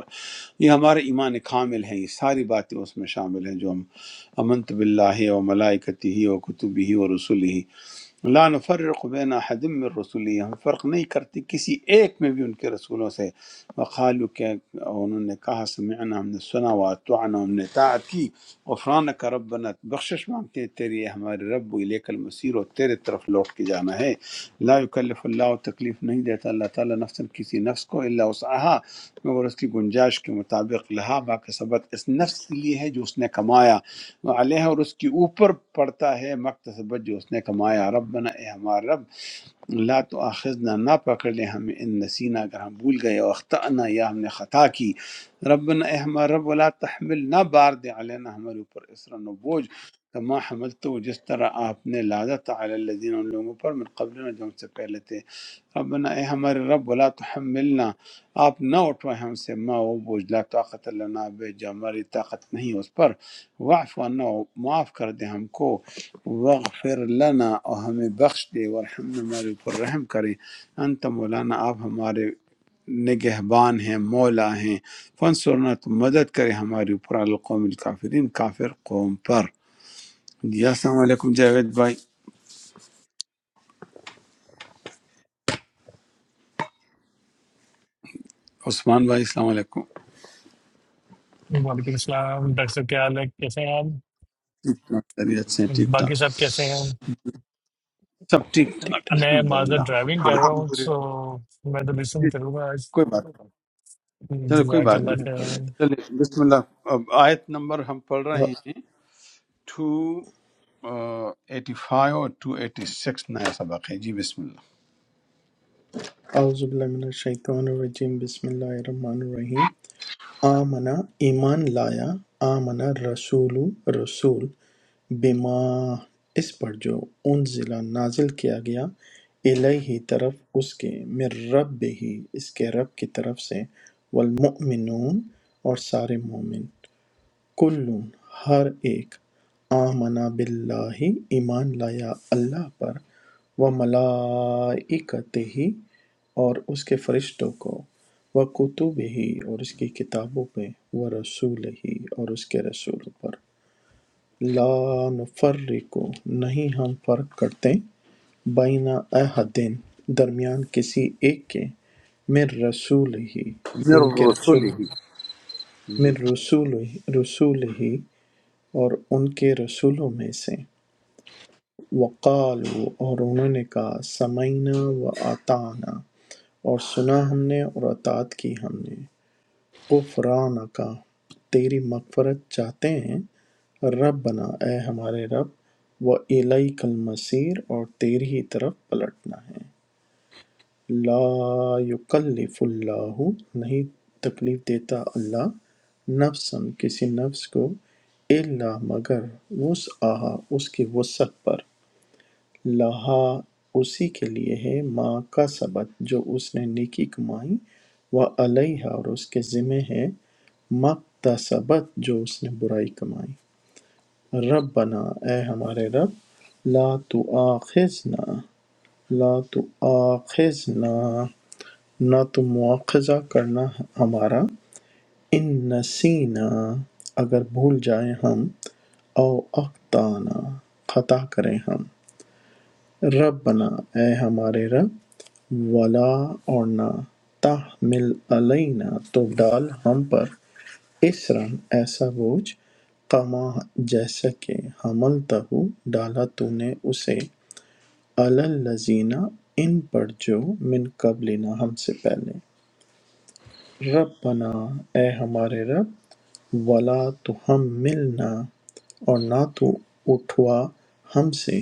Speaker 2: یہ ہمارا ایمان کامل ہے یہ ساری باتیں اس میں شامل ہیں جو ہم امنت باللہ و ملائکتی و کتبی و رسول لا نفرق بین احد من رسولی ہم فرق نہیں کرتے کسی ایک میں بھی ان کے رسولوں سے وقالو کہ انہوں نے کہا سمعنا ہم نے سنا و اتعنا ہم نے اطاعت کی غفرانک ربنا بخشش مانگتے ہیں تیری ہے ہمارے رب و الیک المصیر اور تیرے طرف لوٹ کے جانا ہے لا یکلف اللہ تکلیف نہیں دیتا اللہ تعالیٰ نفس کسی نفس کو الا وسعها مگر اس کی گنجائش کے مطابق لہا باقی سبت اس نفس کے لیے ہے جو اس نے کمایا علیہ اور اس کے اوپر پڑتا ہے مقتصبت جو اس نے کمایا رب بنا اے ہمارا رب لا تو آخذنا نہ پکڑ لے ہمیں ان نسینا اگر ہم بھول گئے اور اختعنا یا ہم نے خطا کی ربنا اے ہمارا رب ولا تحمل نہ بار دے علینا ہمارے اوپر اسرن و بوجھ کما حمل تو جس طرح آپ نے لادا تھا علی الذین ان لوگوں پر من قبل جو ہم سے پہلے تھے ربنا اے ہمارے رب ولا تحملنا آپ نہ اٹھوائے ہم سے ما وہ بوجھ لا طاقت لنا بے جو ہماری طاقت نہیں اس پر واعف عنا معاف کر دے ہم کو وغفر لنا اور ہمیں بخش دے ورحمنا ہمارے اوپر رحم کرے انت مولانا آپ ہمارے نگہبان ہیں مولا ہیں فنسورنا تو مدد کرے ہمارے اوپر علی القوم الکافرین کافر قوم پر جی السلام علیکم جاوید بھائی عثمان بھائی السلام علیکم
Speaker 9: وعلیکم السلام ڈاکٹر صاحب کیا حال ہے کیسے ہیں آپ
Speaker 2: خیریت سے ہیں، ٹھیک
Speaker 9: باقی
Speaker 2: ٹھاک
Speaker 9: سب کیسے ہیں
Speaker 2: سب
Speaker 4: سب
Speaker 2: ٹھیک
Speaker 4: ٹھیک
Speaker 2: ٹھاک
Speaker 4: ٹھاک
Speaker 9: میں
Speaker 2: الحمد للہ
Speaker 9: معذرت ڈرائیونگ
Speaker 2: الحمد
Speaker 9: کر رہا ہوں سو میں تو
Speaker 2: للہ۔
Speaker 9: لسن
Speaker 2: جی
Speaker 9: کروں گا آج
Speaker 2: کوئی بات چلو کوئی
Speaker 9: جزاک
Speaker 4: چلے
Speaker 2: بات
Speaker 9: اللہ
Speaker 4: میں
Speaker 2: نہیں
Speaker 4: پڑھ
Speaker 9: خیر
Speaker 4: لیتا
Speaker 2: چلے بسم اللہ اب آیت نمبر ہم پڑھ رہے
Speaker 4: ہوں۔
Speaker 2: ہیں ٹو ایٹی فائیو اور ٹو ایٹی سکس نیا سبق ہے جی بسم اللہ
Speaker 4: اعوذ باللہ من الشیطان الرجیم بسم اللہ الرحمن الرحیم آمنا ایمان لایا آمنا رسول رسول بِمَا اس پر جو انزل نازل کیا گیا الیہ طرف اس کے من ربہ اس کے رب کی طرف سے والمؤمنون اور سارے مومن کلون ہر ایک آمنا باللہ ایمان لایا اللہ پر و ملائکتہ اور اس کے فرشتوں کو و کتب ہی اور اس کی کتابوں پہ و رسول ہی اور اس کے رسول پر لا نفرق نہیں ہم فرق کرتے بین احدین درمیان کسی ایک کے من رسول ہی
Speaker 2: من
Speaker 4: ان کے
Speaker 2: الرسل
Speaker 4: رسول
Speaker 2: ہی جی
Speaker 4: من رسول رسول ہی اور ان کے رسولوں میں سے وقالو اور انہوں نے کہا سمعنا و اطعنا اور سنا ہم نے اور اطاعت کی ہم نے غفرانہ کا تیری مغفرت چاہتے ہیں رب بنا اے ہمارے رب و علیہ کل مسیر اور تیری ہی طرف پلٹنا ہے لا یکلف اللہ نہیں تکلیف دیتا اللہ نفسن کسی نفس کو الا مگر وسعہ اس کی وسعت پر لہا اسی کے لیے ہے ماں کا سبت جو اس نے نیکی کمائی وہ علیہ اور اس کے ذمہ ہے مکتا سبت جو اس نے برائی کمائی رب بنا اے ہمارے رب لا تو آخذنا لا تو آخذنا نہ تو مواخذہ کرنا ہمارا ان نسینا اگر بھول جائیں ہم او اختانا خطا کریں ہم ربنا اے ہمارے رب ولا اور نہ تحمل علینا تو ڈال ہم پر اسرن ایسا بوجھ کما جیسا کہ حمل تہو ڈالا تو نے اسے الزینہ ان پر جو من قبلنا ہم سے پہلے ربنا اے ہمارے رب ولا تو ہم ملنا اور نہ تو اٹھوا ہم سے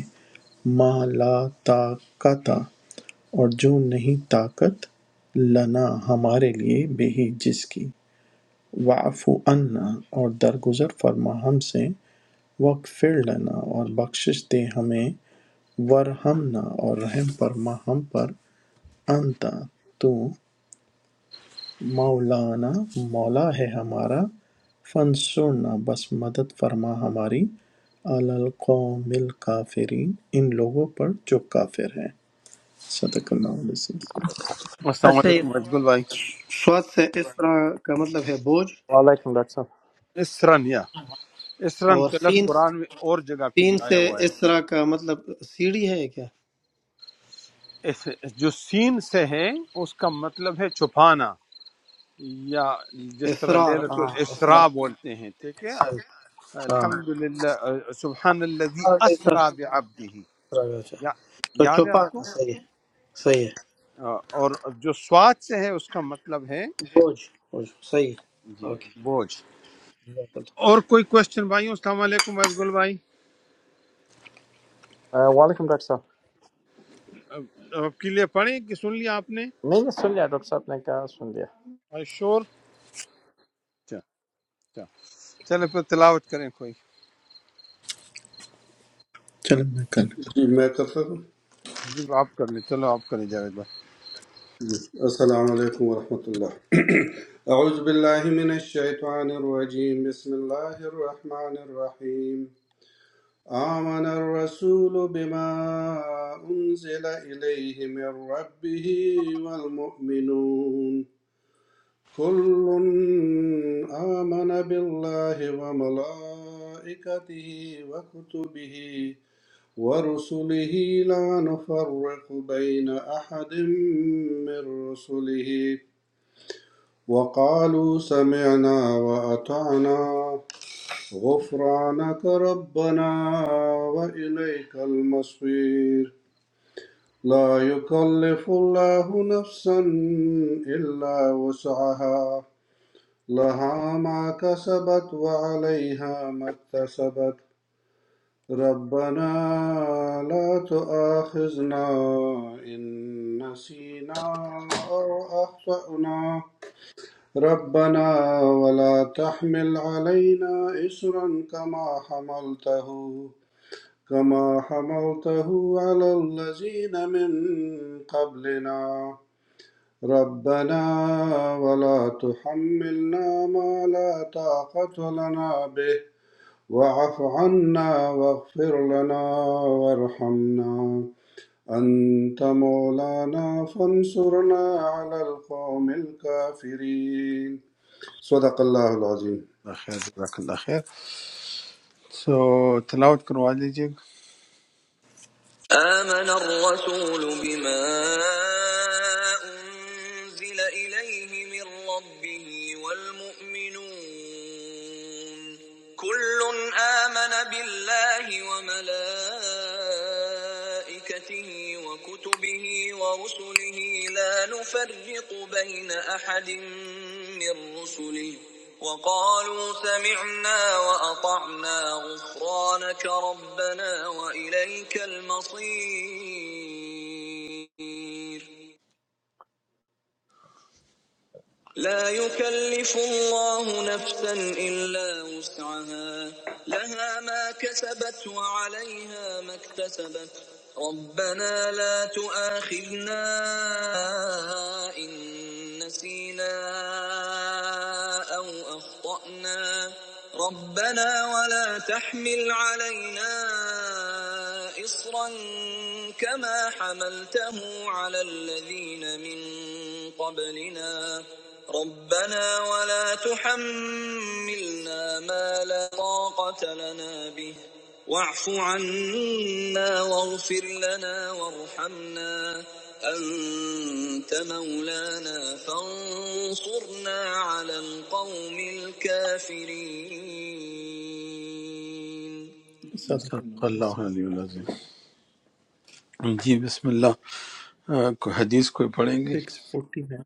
Speaker 4: ما لا طاقت اور جو نہیں طاقت لنا ہمارے لیے بہی جس کی واعف عنا اور درگزر فرما ہم سے وقفر لنا اور بخشش دے ہمیں ورحمنا اور رحم فرما ہم پر انتا تو مولانا مولا ہے ہمارا فنسرنا بس مدد فرما ہماری علی القوم الکافرین ان لوگوں پر جو کافر ہیں صدق اللہ علیہ وسلم
Speaker 2: السلام
Speaker 5: اچھا یہ
Speaker 2: علیکم ازگل بھائی
Speaker 5: سواد سے اس طرح کا مطلب ہے بوجھ
Speaker 10: Welcome, doctor.
Speaker 2: اسرن یا اسرن
Speaker 5: اور
Speaker 2: کا لفظ
Speaker 5: سین
Speaker 2: قرآن میں اور جگہ پہ بھی
Speaker 5: تین سے
Speaker 2: آیا ہوا ہے
Speaker 5: اس طرح کا مطلب سیڑھی ہے کیا
Speaker 2: اس جو سین سے ہے اس کا مطلب ہے چھپانا یا جس طرح
Speaker 5: اسرار
Speaker 2: لیلت
Speaker 5: ہاں
Speaker 2: الاسراء
Speaker 5: اسرار
Speaker 2: بولتے ہیں ٹھیک ہے
Speaker 5: صحیح ہاں
Speaker 2: الحمد
Speaker 5: ہاں،
Speaker 2: للہ سبحان الذی
Speaker 5: ایسا-
Speaker 2: اسرا بعبده
Speaker 5: اسرار، اسرار، اچھا
Speaker 2: یا
Speaker 5: تو
Speaker 2: یاد ہے آپ
Speaker 5: چھپانا
Speaker 2: کو
Speaker 5: صحیح ہے صحیح ہے
Speaker 2: اور جو سواد سے ہے اس کا مطلب ہے
Speaker 5: بوجھ بوجھ صحیح ہے
Speaker 2: جی
Speaker 5: اوکے
Speaker 2: بوجھ
Speaker 5: جزاک اللہ۔
Speaker 2: اور کوئی کوشچن بھائیوں السلام علیکم ازگل بھائی
Speaker 10: Welcome, doctor.
Speaker 2: اب آپ کے لیے پڑھیں کہ سن لیا آپ نے
Speaker 10: May I ask you, doctor, what can I do for you?
Speaker 2: آئی شور اچھا اچھا چلے پھر تلاوت کریں کوئی
Speaker 4: چلیں میں کر لیتا ہوں۔
Speaker 11: ما كفر
Speaker 2: جی آپ کر لیں چلو آپ کریں جاوید بھائی
Speaker 11: السلام عليكم ورحمة الله أعوذ بالله من الشيطان الرجيم بسم الله الرحمن الرحيم آمن الرسول بما أنزل إليه من ربه والمؤمنون كل آمن بالله وملائكته وكتبه ورسله لا نفرق بين أحد من رسله وقالوا سمعنا وأطعنا غفرانك ربنا وإليك المصير لا يكلف الله نفسا إلا وسعها لها ما كسبت وعليها ما اكتسبت ربنا لا تؤاخذنا إن نسينا أو أخطأنا ربنا ولا تحمل علينا إصرا كما حملته كما حملته على الذين من قبلنا ربنا ولا تحملنا ما لا طاقة لنا به واعف عنا واغفر لنا وارحمنا أنت مولانا فانصرنا على القوم الكافرين صدق اللہ العظیم
Speaker 2: اللہ خیر جزاک اللہ خیر سو تلاوت کروا لیجیے گا۔
Speaker 4: آمن الرسول بما أنزل إليه من ربه والمؤمنون كل آمن بالله وملائكته وملائكته وكتبه ورسله لا نفرق بين أحد من رسله وقالوا سمعنا وأطعنا غفرانك ربنا وإليك المصير لا يكلف الله نفسا إلا وسعها لها ما كسبت وعليها ما اكتسبت ربنا لا تؤاخذنا إن نسينا أو أخطأنا أخطأنا ربنا ولا تحمل علينا إصرا كما حملته على الذين من قبلنا ربنا ولا تحملنا ما لا طاقة لنا به واعف عنا واغفر لنا وارحمنا أنت مولانا فانصرنا على القوم الكافرين صدق اللہ
Speaker 2: صدق
Speaker 4: علیہ
Speaker 2: اللہ علیہ العظیم جی بسم اللہ آ، کوئی حدیث کوئی پڑھیں گے
Speaker 4: سکس فورٹی میں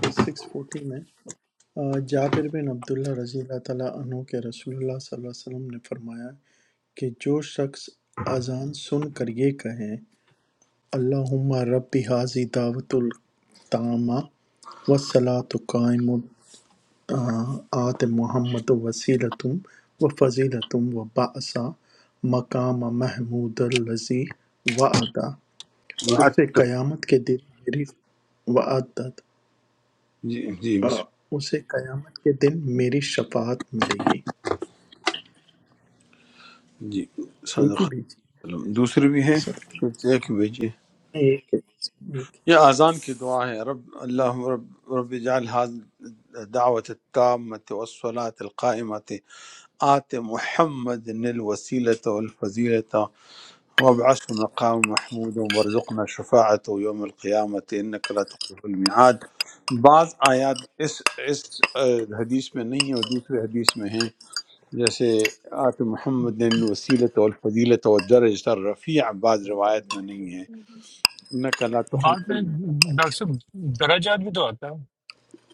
Speaker 4: یہ سکس فورٹی میں آ، جابر بن عبداللہ رضی اللہ تعالیٰ عنہ کے رسول اللہ صلی اللہ علیہ وسلم نے فرمایا کہ جو شخص اذان سن کر یہ کہے اللہم رب ھذه دعوت التامہ والصلاة قائم آت محمد وسیلۃ وفضیلۃ وبعث مقام محمود الذی وعدہ اسے قیامت کے دن میری وعدت
Speaker 2: جی جی
Speaker 4: آ،
Speaker 2: بسم
Speaker 4: اسے قیامت کے دن میری شفاعت ملے گی
Speaker 2: جی صدق
Speaker 4: ایک ہی
Speaker 2: اللہ
Speaker 4: بھیجی
Speaker 2: علیہ وسلم۔ دوسری بھی ہے کچھ ایک بھیجیے
Speaker 4: ایک ایک
Speaker 2: یہ اذان کی دعا ہے رب اللہ رب رب جعل دعوت التامة والصلاة القائمة آت محمد الوسيلة والفزيلة وابعثه مقام محمود وارزقنا شفاعته يوم القيامة إنك لا تخلف الميعاد بعض آیات اس اس آ، حدیث میں نہیں ہیں اور دوسرے حدیث میں ہیں جیسے آت محمد الوسیلة والفضيلة والدرجة الرفيع بعض روایت میں نہیں ہے انک لا
Speaker 9: بعد
Speaker 2: تخلف
Speaker 9: میں
Speaker 2: المیعاد
Speaker 9: ڈاکٹر صاحب درجات بھی تو آتا ہے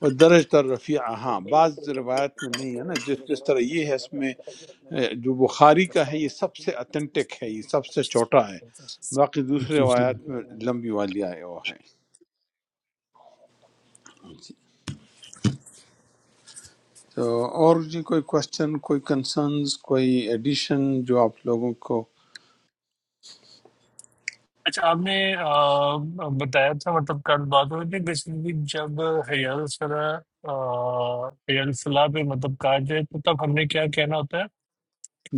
Speaker 2: وہ درج در رفیع ہاں بعض روایت میں نہیں ہے نا جس جس طرح یہ ہے اس میں اے، جو بخاری کا ہے یہ سب سے اتھینٹک ہے یہ سب سے چھوٹا ہے
Speaker 9: اچھا،
Speaker 2: باقی دوسری
Speaker 9: اچھا۔
Speaker 2: روایات میں لمبی والی آئے وہ ہے تو اور جی کوئی کوشچن کوئی کنسرنز کوئی ایڈیشن جو آپ لوگوں کو
Speaker 9: اچھا آپ نے آ، بتایا تھا مطلب کل بات ہو رہی تھی بیسیکلی جب حیال الصلاح آ، حیال الصلاح پہ مطلب کہا جائے تو تب ہم نے کیا کہنا ہوتا ہے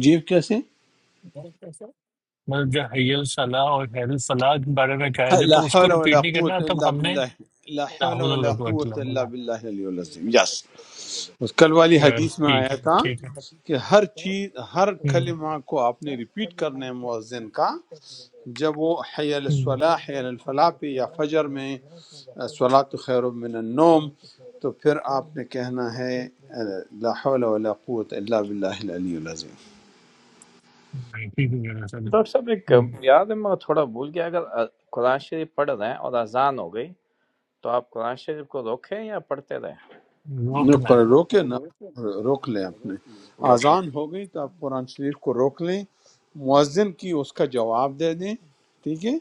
Speaker 2: جی کیسے
Speaker 9: مطلب جب حیال الصلاح اور حیال الصلاح کے بارے میں کہا جائے
Speaker 2: لا
Speaker 9: تو اس کو
Speaker 2: حول
Speaker 9: رپیٹ
Speaker 2: ولا
Speaker 9: نہیں کرنا
Speaker 2: قوت
Speaker 9: تب
Speaker 2: الا
Speaker 9: ہم نے
Speaker 2: باللہ لا
Speaker 9: لا
Speaker 2: حول
Speaker 9: حول ولا
Speaker 2: ولا
Speaker 9: قوت الا
Speaker 2: قوت الا
Speaker 9: بالله۔
Speaker 2: باللہ العلی العظیم یس کل والی حدیث
Speaker 9: بس،
Speaker 2: میں
Speaker 9: ٹھیک
Speaker 2: آیا
Speaker 9: ہے
Speaker 2: تھا
Speaker 9: ٹھیک
Speaker 2: کہ
Speaker 9: ہے
Speaker 2: ہر چیز ہر کلمہ کو آپ نے ریپیٹ کرنا ہے مؤذن کا جب
Speaker 9: ہم۔
Speaker 2: وہ حی علی
Speaker 9: ہوں۔
Speaker 2: الصلاح حی علی الفلاح پہ یا فجر میں صلاۃ خیر من النوم تو پھر آپ نے کہنا ہے لا حول ولا قوت الا باللہ العلی العظیم
Speaker 9: مائٹی وغیرہ
Speaker 10: Doctor,
Speaker 9: sub
Speaker 10: remember, I have forgotten. If you are studying or the prayer is over, then you should stop studying or praying.
Speaker 2: نہ
Speaker 9: روکنا
Speaker 2: قرآن
Speaker 9: ہے
Speaker 2: روکے نہ روک لیں آپ نے آزان ہو گئی تو آپ قرآن شریف کو روک لیں مؤذن کی اس کا جواب دے دیں ٹھیک ہے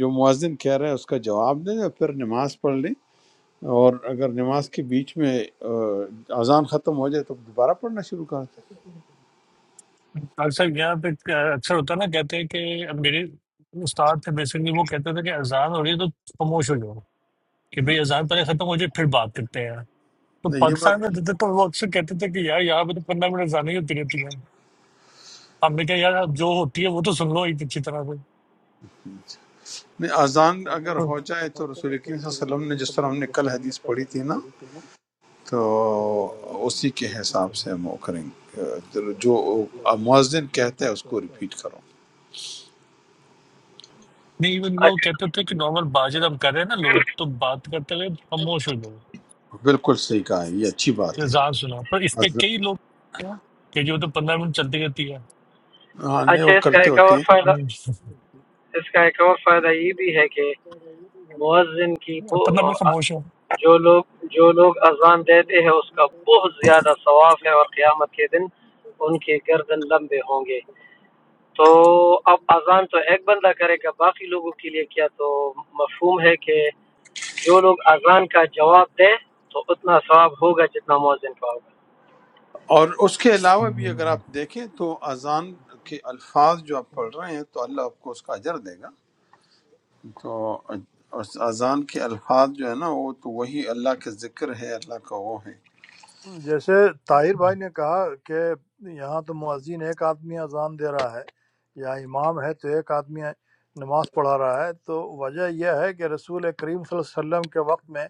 Speaker 2: جو مؤذن کہہ رہا ہے اس کا جواب دے دیں اور پھر نماز پڑھ لیں اور اگر نماز کے بیچ میں آ، اذان ختم ہو جائے تو دوبارہ پڑھنا شروع کر
Speaker 9: اکثر یہاں پہ اکثر ہوتا ہے نا کہتے ہیں کہ اب میرے استاد تھے بیسیکلی وہ کہتے تھے کہ اذان ہو رہی ہے تو خاموش ہو جاؤ کہ بھئی اذان پہلے ختم ہو جائے پھر بات کرتے ہیں
Speaker 2: دیں
Speaker 9: تو
Speaker 2: نہیں یہ بات
Speaker 9: پاکستان میں رہتے تو وہ اکثر کہتے تھے کہ یار یہاں پہ تو پندرہ منٹ زیادہ ہی ہوتی رہتی ہیں ہم نے کہا یار اب جو ہوتی ہے وہ تو سن لو ایک اچھی طرح سے
Speaker 2: نہیں اذان اگر
Speaker 9: تو
Speaker 2: ہو جائے تو رسول کریم صلی اللہ علیہ وسلم نے جس طرح ہم نے کل حدیث پڑھی تھی نا تو اسی کے حساب سے ہم وہ کریں گے آ، جو مؤذن کہتا ہے اس کو ریپیٹ کرو
Speaker 9: نہیں ایون وہ کہتے تھے کہ نارمل بات چیت ہم کر رہے ہیں نا لوگ تو بات کرتے ہوئے خاموش ہو جاؤ
Speaker 2: بالکل صحیح کہا ہے یہ اچھی بات ہے
Speaker 9: اذان سنا پر اس پہ
Speaker 2: اذان-
Speaker 9: کئی لوگ کیا؟ کہ جو تو پندرہ منٹ چلتی رہتی ہے
Speaker 2: ہاں
Speaker 5: اچھا
Speaker 2: نہیں
Speaker 5: اچھا،
Speaker 2: وہ
Speaker 5: اس کا
Speaker 2: کرتے
Speaker 5: ایک
Speaker 2: ہوتے
Speaker 5: اور
Speaker 2: ہیں
Speaker 5: فائدہ
Speaker 9: ہم
Speaker 5: اس کا ایک اور فائدہ یہ بھی ہے کہ مؤذن کی
Speaker 9: پندرہ
Speaker 5: بو-
Speaker 9: منٹ خاموش ہو
Speaker 5: جو لوگ جو لوگ اذان دیتے ہیں اس کا بہت زیادہ ثواب ہے اور قیامت کے دن ان کے گردن لمبے ہوں گے تو اب اذان تو ایک بندہ کرے گا باقی لوگوں کے لیے کیا تو مفہوم ہے کہ جو لوگ اذان کا جواب دیں تو اتنا ثواب ہوگا جتنا مؤذن کا ہوگا
Speaker 2: اور اس کے علاوہ بھی اگر آپ دیکھیں تو اذان کے الفاظ جو آپ پڑھ رہے ہیں تو اللہ آپ کو اس کا اجر دے گا تو اس اذان کے الفاظ جو ہے نا وہ تو وہی اللہ کا ذکر ہے اللہ کا وہ ہے رسول
Speaker 8: جیسے طاہر بھائی نے کہا کہ یہاں تو مؤذن ایک آدمی اذان دے رہا ہے یا امام ہے تو ایک آدمی نماز پڑھا رہا ہے تو وجہ یہ ہے کہ رسول کریم صلی اللہ علیہ وسلم کے وقت میں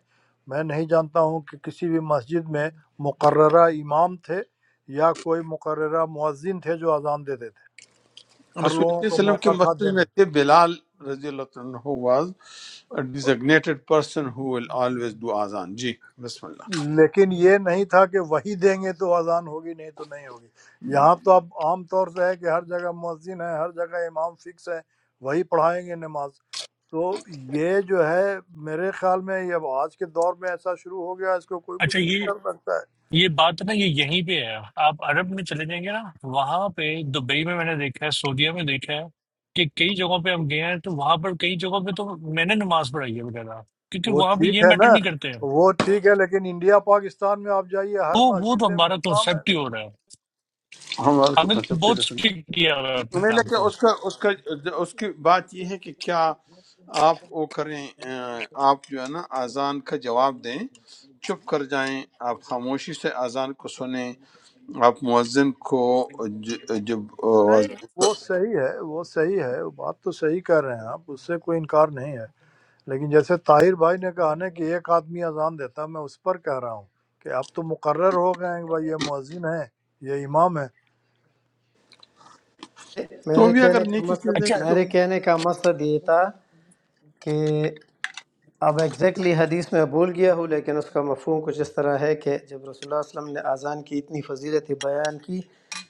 Speaker 8: میں نہیں جانتا ہوں کہ کسی بھی مسجد میں مقررہ امام تھے یا کوئی مقررہ مؤذن تھے جو اذان دیتے تھے
Speaker 2: اللہ
Speaker 8: ہر
Speaker 2: صلی
Speaker 8: لوگوں
Speaker 2: اللہ علیہ
Speaker 8: کو
Speaker 2: وسلم کی
Speaker 8: موقع تھا
Speaker 2: مسجد
Speaker 8: دینے
Speaker 2: میں تھے بلال رضی اللہ تعالیٰ عنہ was a designated person who will always do اذان جی بسم اللہ
Speaker 8: لیکن یہ نہیں تھا کہ وہی دیں گے تو اذان ہوگی نہیں تو نہیں ہوگی یہاں تو اب عام طور سے ہے کہ ہر جگہ مؤذن ہے ہر جگہ امام فکس ہے وہی پڑھائیں گے نماز تو یہ جو ہے میرے خیال میں یہ اب آج کے دور میں ایسا شروع ہو گیا اس کو کوئی
Speaker 9: اچھا
Speaker 8: کچھ
Speaker 9: یہ
Speaker 8: نہیں کر سکتا ہے
Speaker 9: یہ بات نا یہ یہیں پہ ہے آپ عرب میں چلے جائیں گے نا وہاں پہ دبئی میں میں نے دیکھا ہے سعودیہ میں دیکھا ہے کہ کئی جگہوں پہ ہم گئے ہیں تو وہاں پر کئی جگہوں پہ تو میں نے نماز پڑھائی ہے وغیرہ کیونکہ
Speaker 8: وہ
Speaker 9: وہاں پہ
Speaker 8: ٹھیک
Speaker 9: یہ
Speaker 8: ہے
Speaker 9: میٹر
Speaker 8: نا
Speaker 9: نہیں کرتے ہیں
Speaker 8: وہ ٹھیک ہے لیکن انڈیا پاکستان میں آپ جائیے
Speaker 9: تو
Speaker 8: ہر
Speaker 9: وہ
Speaker 8: مسجد
Speaker 9: تو
Speaker 8: میں
Speaker 9: ہمارا
Speaker 8: امام ہے
Speaker 9: کنسپٹ ہی ہو رہا ہے
Speaker 2: ہمارا تو
Speaker 9: ہمیں
Speaker 2: کنسپٹ ہی
Speaker 9: بہت
Speaker 2: رسول
Speaker 9: اسٹرکٹ کیا ہوا ہے اپنے
Speaker 2: نہیں
Speaker 9: آپ
Speaker 2: لیکن
Speaker 9: کو
Speaker 2: اس کا اس کا اس کی بات یہ ہے کہ کیا آپ وہ کریں اہ، آپ جو ہے نا اذان کا جواب دیں چپ کر جائیں آپ خاموشی سے اذان کو سنیں آپ مؤذن کو ج- جب آواز-
Speaker 8: نہیں وہ صحیح ہے وہ صحیح ہے وہ بات تو صحیح کر رہے ہیں آپ اس سے کوئی انکار نہیں ہے لیکن جیسے طاہر بھائی نے کہا نا کہ ایک آدمی اذان دیتا میں اس پر کہہ رہا ہوں کہ اب تو مقرر ہو گئے ہیں کہ بھائی یہ مؤذن ہے یہ امام ہے
Speaker 2: تو
Speaker 5: میرے
Speaker 2: بھی اگر
Speaker 5: کہنے کا
Speaker 2: نیکی
Speaker 5: مطلب
Speaker 2: چیز ہے
Speaker 9: اچھا
Speaker 2: کہ تو
Speaker 5: میرے کہنے کا مقصد یہ تھا کہ اب ایگزیکٹلی حدیث میں بھول گیا ہوں لیکن اس کا مفہوم کچھ اس طرح ہے کہ جب رسول اللہ صلی اللہ علیہ وسلم نے اذان کی اتنی فضیلت بیان کی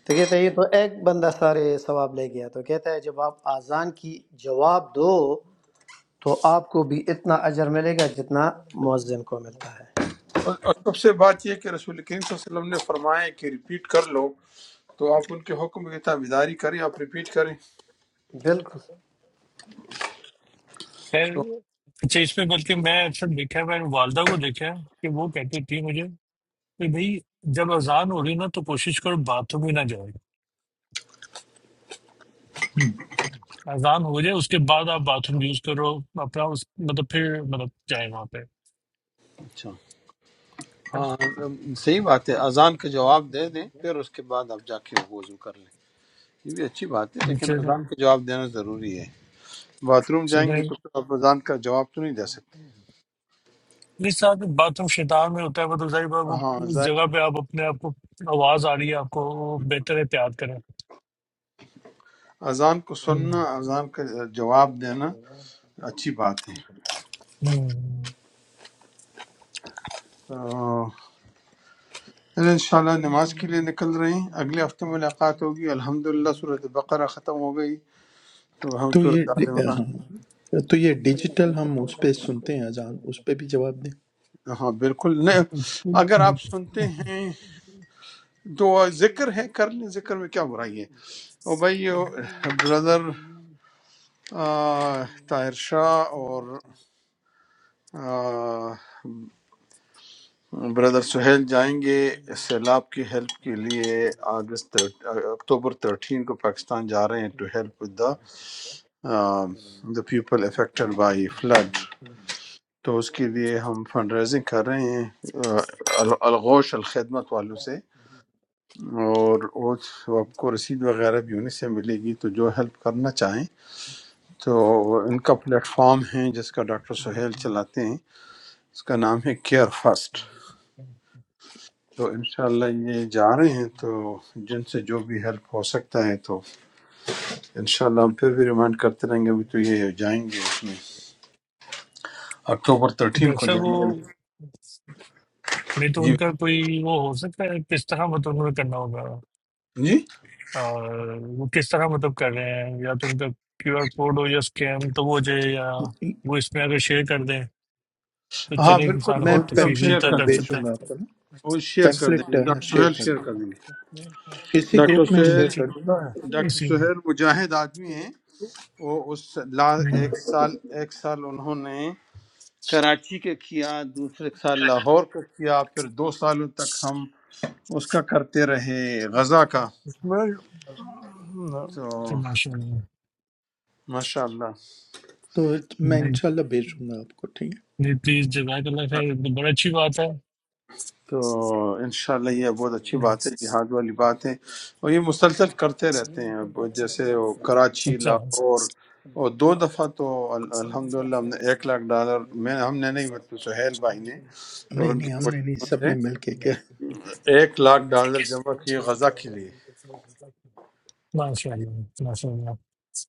Speaker 5: تو کہتے ہیں یہ تو ایک بندہ سارے ثواب لے گیا تو کہتا ہے جب آپ اذان کی جواب دو تو آپ کو بھی اتنا اجر ملے گا جتنا مؤذن کو ملتا ہے
Speaker 2: اور اور سب سے بات یہ کہ رسول کریم صلی اللہ علیہ وسلم نے فرمایا ہے کہ ریپیٹ کر لو تو آپ ان کے حکم کی تابعداری کریں آپ ریپیٹ کریں
Speaker 5: بالکل
Speaker 9: خیر، اچھا اس میں بلکہ میں اکثر دیکھا ہے میں نے والدہ کو دیکھا ہے کہ وہ کہتی تھی مجھے کہ بھائی جب اذان ہو رہی ہے نا تو کوشش کرو باتھ روم ہی نہ جاؤ اذان ہو جائے اس کے بعد آپ باتھ روم یوز کرو اپنا اس مطلب پھر مطلب جائیں وہاں پہ
Speaker 2: اچھا ہاں صحیح بات ہے اذان کا جواب دے دیں پھر اس کے بعد آپ جا کے وضو کر لیں یہ بھی اچھی بات ہے لیکن اذان
Speaker 9: چلیں-
Speaker 2: کا جواب دینا ضروری ہے باتھ روم جائیں گے
Speaker 9: چلیں۔
Speaker 2: تو پھر آپ اذان کا جواب تو نہیں دے سکتے
Speaker 9: اس ساتھ میں باتھ روم شیطان میں ہوتا ہے مطلب ظاہر بات وہ
Speaker 2: ہاں
Speaker 9: اس جگہ
Speaker 2: ظاہر
Speaker 9: پہ آپ اپنے آپ کو آواز آ رہی ہے آپ کو وہ بہتر احتیاط کریں
Speaker 2: اذان کو
Speaker 9: ہوں،
Speaker 2: سننا اذان کا جواب دینا اچھی بات
Speaker 9: ہوں۔
Speaker 2: ہے چلیں انشاءاللہ نماز کے لیے نکل رہے ہیں اگلے ہفتے ملاقات ہوگی الحمدللہ صورت بقرہ ختم ہو گئی تو ہم
Speaker 4: تو
Speaker 2: صورت آل
Speaker 4: یہ
Speaker 2: عمران
Speaker 4: ہاں تو یہ ڈیجیٹل ہم اس پہ سنتے ہیں اذان اس پہ بھی جواب دیں
Speaker 2: ہاں بالکل نہیں اگر آپ سنتے ہیں تو ذکر ہے کر لیں ذکر میں کیا برائی ہے او بھائی بردر طاہر شاہ اور آ، بردر سہیل جائیں گے سیلاب کی ہیلپ کے لیے اگست اکتوبر تھرٹین کو پاکستان جا رہے ہیں to help with the the people affected by flood تو اس کے لیے ہم فنڈ ریزنگ کر رہے ہیں آ، ال- الغوش الخدمت والوں سے اور اس- آپ کو رسید وغیرہ بھی انہیں سے ملے گی تو جو ہیلپ کرنا چاہیں تو ان کا پلیٹ فارم ہے جس کا ڈاکٹر سہیل چلاتے ہیں اس کا نام ہے کیئر فرسٹ تو انشاءاللہ یہ جا رہے ہیں تو جن سے جو بھی ہیلپ ہو سکتا ہے تو انشاءاللہ ہم پھر بھی ریمائنڈ کرتے رہیں گے ابھی تو یہ جائیں گے اس میں اکتوبر
Speaker 9: تو
Speaker 2: تھرٹین
Speaker 9: ڈاکٹر
Speaker 2: کو
Speaker 9: صاحب
Speaker 2: جائیں گے
Speaker 9: وہ نہیں تو ان
Speaker 2: جی
Speaker 9: کا کوئی وہ ہو سکتا ہے کس طرح مطلب انہوں نے کرنا ہوگا
Speaker 2: جی
Speaker 9: اور وہ کس طرح مطلب کر رہے ہیں یا تو ان کا کیو آر کوڈ ہو یا اسکین تو وہ ہو جائے یا وہ اس میں اگر شیئر کر دیں تو
Speaker 4: ہاں
Speaker 2: ہاں
Speaker 9: چلے
Speaker 2: بالکل
Speaker 9: انسان
Speaker 4: میں
Speaker 9: اپنی
Speaker 2: اور یہ ہم
Speaker 9: تفریح سے
Speaker 2: شیئر
Speaker 4: پیمپلیٹ
Speaker 9: جتنا
Speaker 2: کر
Speaker 9: کر
Speaker 2: دیں گے
Speaker 9: سکتا
Speaker 4: بھیجوں گا
Speaker 9: ہے
Speaker 4: آپ کو نا
Speaker 2: اور شیئر کر دیں
Speaker 4: پیمپلیٹ
Speaker 2: گے ڈاکٹر
Speaker 4: شیئر
Speaker 2: سہیل
Speaker 4: کر
Speaker 2: شیئر
Speaker 4: دوں
Speaker 2: کر دیں گے
Speaker 4: گا اسی
Speaker 2: ڈاکٹر
Speaker 4: گروپ میں
Speaker 2: سہیل
Speaker 4: شیئر
Speaker 9: جی
Speaker 4: کر دوں گا
Speaker 2: ڈاکٹر
Speaker 9: اسی
Speaker 2: سہیل مجاہد آدمی ہیں وہ اس لا
Speaker 9: نہیں
Speaker 2: ایک سال ایک سال انہوں نے کراچی کے کیا دوسرے سال لاہور کا کیا پھر دو سالوں تک ہم اس کا کرتے رہے غزہ کا
Speaker 8: اس میں
Speaker 2: تو
Speaker 9: تو ماشاء اللہ
Speaker 2: ماشاء اللہ
Speaker 4: تو میں
Speaker 9: نہیں
Speaker 4: انشاءاللہ بھیجوں گا آپ کو ٹھیک
Speaker 9: نہیں پلیز جزاک اللہ خیر یہ تو بڑی اچھی بات ہے
Speaker 2: تو انشاءاللہ یہ بہت اچھی
Speaker 9: نہیں۔
Speaker 2: بات ہے جہاد والی بات ہے اور یہ مسلسل کرتے رہتے ہیں اب جیسے وہ کراچی
Speaker 9: اچھا
Speaker 2: لاہور اور دو دفعہ تو ال- الحمدللہ ہم نے ایک لاکھ ڈالر میں ہم نے نہیں مطلب سہیل بھائی نے
Speaker 4: ہے
Speaker 2: اور
Speaker 4: نہیں
Speaker 2: ان کی
Speaker 4: نہیں ہم نے نہیں
Speaker 2: کوششوں
Speaker 4: سب
Speaker 2: سے
Speaker 4: نے مل کے کیا
Speaker 2: ایک لاکھ ڈالر جمع کیے غزہ کے لیے
Speaker 9: ماشاء اللہ ماشاء اللہ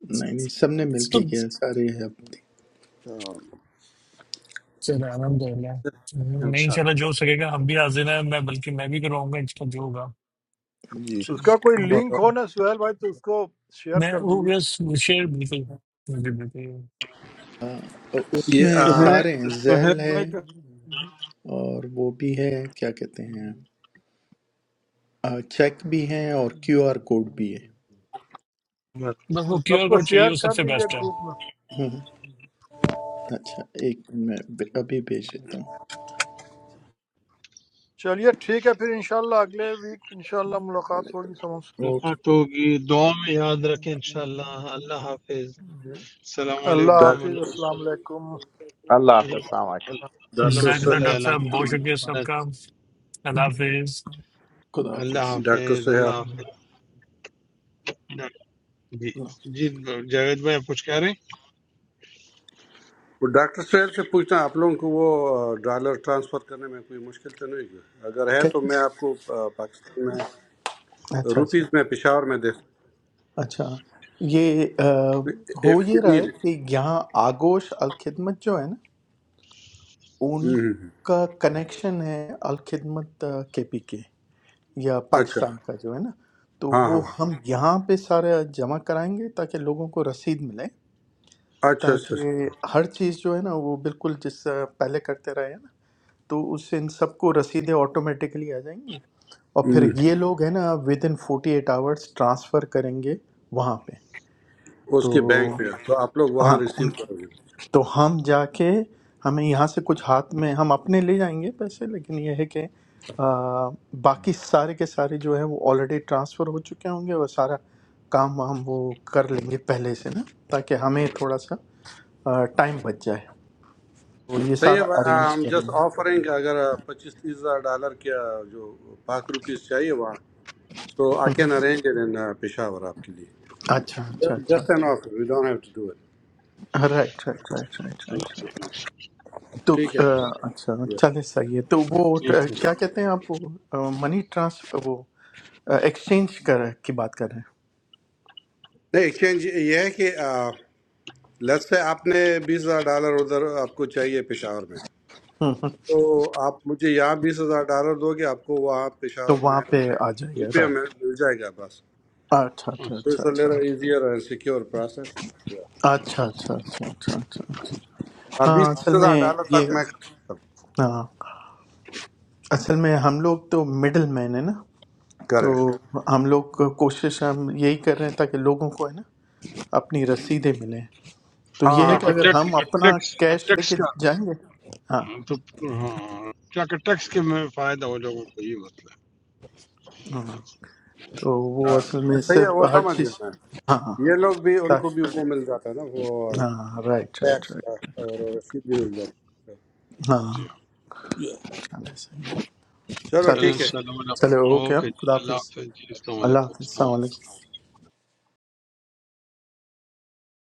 Speaker 4: نہیں نہیں سب نے مل
Speaker 9: تو
Speaker 4: کے کیا سارے ہیں اپنے
Speaker 2: تو
Speaker 9: چلے الحمد للہ نہیں ان شاء
Speaker 2: انشاءاللہ
Speaker 9: اللہ جو ہو سکے گا ہم بھی حاضر ہیں میں بلکہ میں بھی کروں گا اس کا جو ہوگا
Speaker 2: جی
Speaker 8: اس
Speaker 4: انشاءاللہ
Speaker 8: کا کوئی
Speaker 4: صحیح ہے۔
Speaker 8: لنک
Speaker 2: اور
Speaker 8: ہو نا سہیل بھائی تو اس کو شیئر
Speaker 9: میں
Speaker 8: کر
Speaker 9: وہ
Speaker 8: دیجیے
Speaker 9: بس شیئر بالکل بالکل بالکل۔
Speaker 4: آ، اس
Speaker 11: یہ
Speaker 4: میں
Speaker 11: آ،
Speaker 2: سہیل
Speaker 4: سارے ہیں
Speaker 2: سہیل
Speaker 4: زیل ہے
Speaker 2: بھائی کا
Speaker 4: اور وہ بھی ہے کیا کہتے ہیں آ، چیک بھی ہیں اور کیو آر کوڈ بھی ہے
Speaker 9: بس وہ کیو
Speaker 8: سب
Speaker 9: آر
Speaker 8: کو
Speaker 9: کوڈ چاہیے
Speaker 8: شیئر
Speaker 9: وہ سب
Speaker 8: کر
Speaker 9: سے
Speaker 8: دیجیے
Speaker 9: بیسٹ ہے
Speaker 8: گروپ میں
Speaker 4: ہوں، اچھا ایک میں ابھی بھیج دیتا ہوں
Speaker 8: چلیے ٹھیک ہے پھر انشاءاللہ اگلے ویک انشاءاللہ ملاقات
Speaker 4: چلے،
Speaker 8: ہوگی سمجھ
Speaker 4: اوکے
Speaker 2: ملاقات ہوگی دعا میں یاد رکھیں انشاءاللہ اللہ حافظ السلام
Speaker 8: اللہ
Speaker 2: علیکم
Speaker 11: ڈاک-
Speaker 8: حافظ
Speaker 2: اللہ
Speaker 8: السلام علیکم
Speaker 10: Allahu Akbar.
Speaker 2: اللہ
Speaker 11: ڈاکٹر
Speaker 2: اللہ
Speaker 9: جزاک اللہ
Speaker 2: صلی
Speaker 9: ڈاکٹر
Speaker 11: سہیل
Speaker 2: علی
Speaker 9: صاحب
Speaker 4: اوکے
Speaker 9: بہت شکریہ
Speaker 2: محمد
Speaker 9: سب
Speaker 4: خدا
Speaker 9: کا اللہ حافظ
Speaker 2: اللہ
Speaker 4: حافظ
Speaker 11: ڈاکٹر
Speaker 2: حافظ
Speaker 11: سہیل
Speaker 2: اللہ حافظ نہ، جی جی
Speaker 4: کیا-
Speaker 2: جاوید بھائی آپ کچھ کہہ رہے ہیں
Speaker 11: وہ ڈاکٹر سہیل سے پوچھنا ہے، آپ لوگوں کو وہ آ، ڈالر ٹرانسفر کرنے میں کوئی مشکل تو نہیں ہے اگر ہے تو میں آپ کو آ، پاکستان میں
Speaker 4: اچھا
Speaker 11: روپیز
Speaker 4: اچھا
Speaker 11: میں پشاور میں دے سکتا
Speaker 4: اچھا یہ آ،
Speaker 11: ہوں۔ If
Speaker 4: ہو یہ
Speaker 11: you
Speaker 4: رہا
Speaker 11: need
Speaker 4: ہے
Speaker 11: it۔
Speaker 4: کہ یہاں آگوش الخدمت جو ہے نا ان
Speaker 11: ہوں، ہوں، ہوں۔
Speaker 4: کا کنیکشن ہے الخدمت کے پی کے یا
Speaker 11: اچھا
Speaker 4: پاکستان کا جو ہے نا تو
Speaker 11: ہاں ہاں
Speaker 4: وہ ہم یہاں پہ سارا جمع کرائیں گے تاکہ لوگوں کو رسید ملے
Speaker 11: اچھا اچھا اچھا۔
Speaker 4: تاکہ ہر چیز جو ہے نا وہ بالکل جس طرح پہلے کرتے رہے ہیں نا تو اس سے ان سب کو رسیدیں آٹومیٹکلی آ جائیں گی اور پھر
Speaker 11: ہم،
Speaker 4: یہ لوگ ہیں نا within forty eight hours transfer کریں گے وہاں پہ
Speaker 11: اس
Speaker 4: تو
Speaker 11: کے بینک میں تو آپ لوگ وہاں
Speaker 4: ہاں ان
Speaker 11: ریسیو
Speaker 4: کی
Speaker 11: کرو گے
Speaker 4: تو ہم جا کے ہمیں یہاں سے کچھ ہاتھ میں ہم اپنے لے جائیں گے پیسے لیکن یہ ہے کہ آ، باقی سارے کے سارے جو ہیں وہ آلریڈی ٹرانسفر ہو چکے ہوں گے اور سارا کام وام وہ کر لیں گے پہلے سے نا تاکہ ہمیں تھوڑا سا ٹائم بچ جائے تو یہ
Speaker 11: صحیح ہے
Speaker 4: سارا
Speaker 11: بھائی، آ،
Speaker 4: ارینج
Speaker 11: ہم
Speaker 4: کریں
Speaker 11: جسٹ
Speaker 4: گے
Speaker 11: آفرنگ اگر پچیس تیس ہزار ڈالر کیا جو پاک روپیز چاہیے وہاں so I can arrange in Peshawar آپ کے لیے
Speaker 4: اچھا اچھا اچھا
Speaker 11: جسٹ این
Speaker 4: اچھا۔
Speaker 11: Offer we don't have to do it
Speaker 4: right right right right right right تو
Speaker 11: ٹھیک ہے
Speaker 4: آ، اچھا
Speaker 11: Yeah.
Speaker 4: چالیس صحیح ہے تو وہ
Speaker 2: ٹھیک
Speaker 4: آ،
Speaker 2: ہے سر
Speaker 4: کیا کہتے ہیں آپ وہ منی ٹرانسفر وہ ایکسچینج کر کی بات کر رہے ہیں
Speaker 11: نہیں ایکسچینج یہ ہے کہ لت سے آپ نے بیس ہزار ڈالر ادھر آپ کو چاہیے پشاور میں
Speaker 4: ہم، ہم۔
Speaker 11: تو آپ مجھے یہاں بیس ہزار ڈالر دو گے آپ کو وہاں
Speaker 4: تو
Speaker 11: پشاور
Speaker 4: وہاں
Speaker 11: میں
Speaker 4: پہ آ جائے گا
Speaker 11: روپیہ میں
Speaker 4: رائٹ
Speaker 11: مل جائے گا بس
Speaker 4: اچھا اچھا
Speaker 11: تو
Speaker 4: اچھا
Speaker 11: اٹس
Speaker 4: اچھا
Speaker 11: ایزیئر اینڈ سیکیور پروسیس
Speaker 4: اچھا اچھا اچھا اچھا اچھا اچھا۔
Speaker 11: ہاں بیس
Speaker 4: ہاں
Speaker 11: تیس
Speaker 4: اصل
Speaker 11: ہزار
Speaker 4: میں
Speaker 11: ڈالر تک
Speaker 4: یہ
Speaker 11: میں کر سکتا ہوں
Speaker 4: ہاں اصل میں ہم لوگ تو مڈل مین ہے نا تو
Speaker 11: کریں
Speaker 4: ہم لوگ کو کوشش ہم یہی کر رہے ہیں تاکہ لوگوں کو ہے نا اپنی رسیدیں ملیں تو
Speaker 11: ہاں
Speaker 4: یہ
Speaker 2: کیا
Speaker 4: ہے
Speaker 11: ہاں
Speaker 4: کہ
Speaker 2: کہ
Speaker 11: ہاں
Speaker 4: اگر
Speaker 2: ٹیکس
Speaker 4: ہم اپنا
Speaker 2: ٹیکس
Speaker 4: کیش لے
Speaker 2: ٹیکس
Speaker 4: کے
Speaker 2: کا
Speaker 4: جائیں گے ہاں
Speaker 2: تو ہاں کیا کہ ٹیکس کے میں فائدہ ہو لوگوں کو یہ مسئلہ ہے
Speaker 4: تو وہ
Speaker 11: ہاں،
Speaker 4: اصل میں اس سے
Speaker 11: صحیح ہے وہ
Speaker 4: ہر
Speaker 11: سمجھ
Speaker 4: چیز
Speaker 11: گیا میں
Speaker 4: ہاں ہاں
Speaker 11: یہ لوگ بھی ان کو بھی
Speaker 4: تاکہ-
Speaker 11: وہ مل جاتا ہے نا وہ
Speaker 4: ہاں رائٹ رائٹ
Speaker 11: ٹیکس
Speaker 4: رائٹ
Speaker 11: کا اور رسید بھی مل جاتی
Speaker 4: ہاں
Speaker 2: جی ہاں
Speaker 11: ہے
Speaker 4: چلے صحیح ہے۔
Speaker 11: چلو
Speaker 2: چلیں
Speaker 4: چلے
Speaker 11: ٹھیک ہے
Speaker 2: انشاءاللہ ملا
Speaker 4: چلے اوکے ہاں،
Speaker 2: اوکے جی
Speaker 4: خدا
Speaker 2: اللہ
Speaker 4: حافظ
Speaker 2: حافظ جی السلام
Speaker 4: اللہ
Speaker 2: علیکم
Speaker 4: حافظ
Speaker 2: السلام علیکم
Speaker 4: السلام علیکم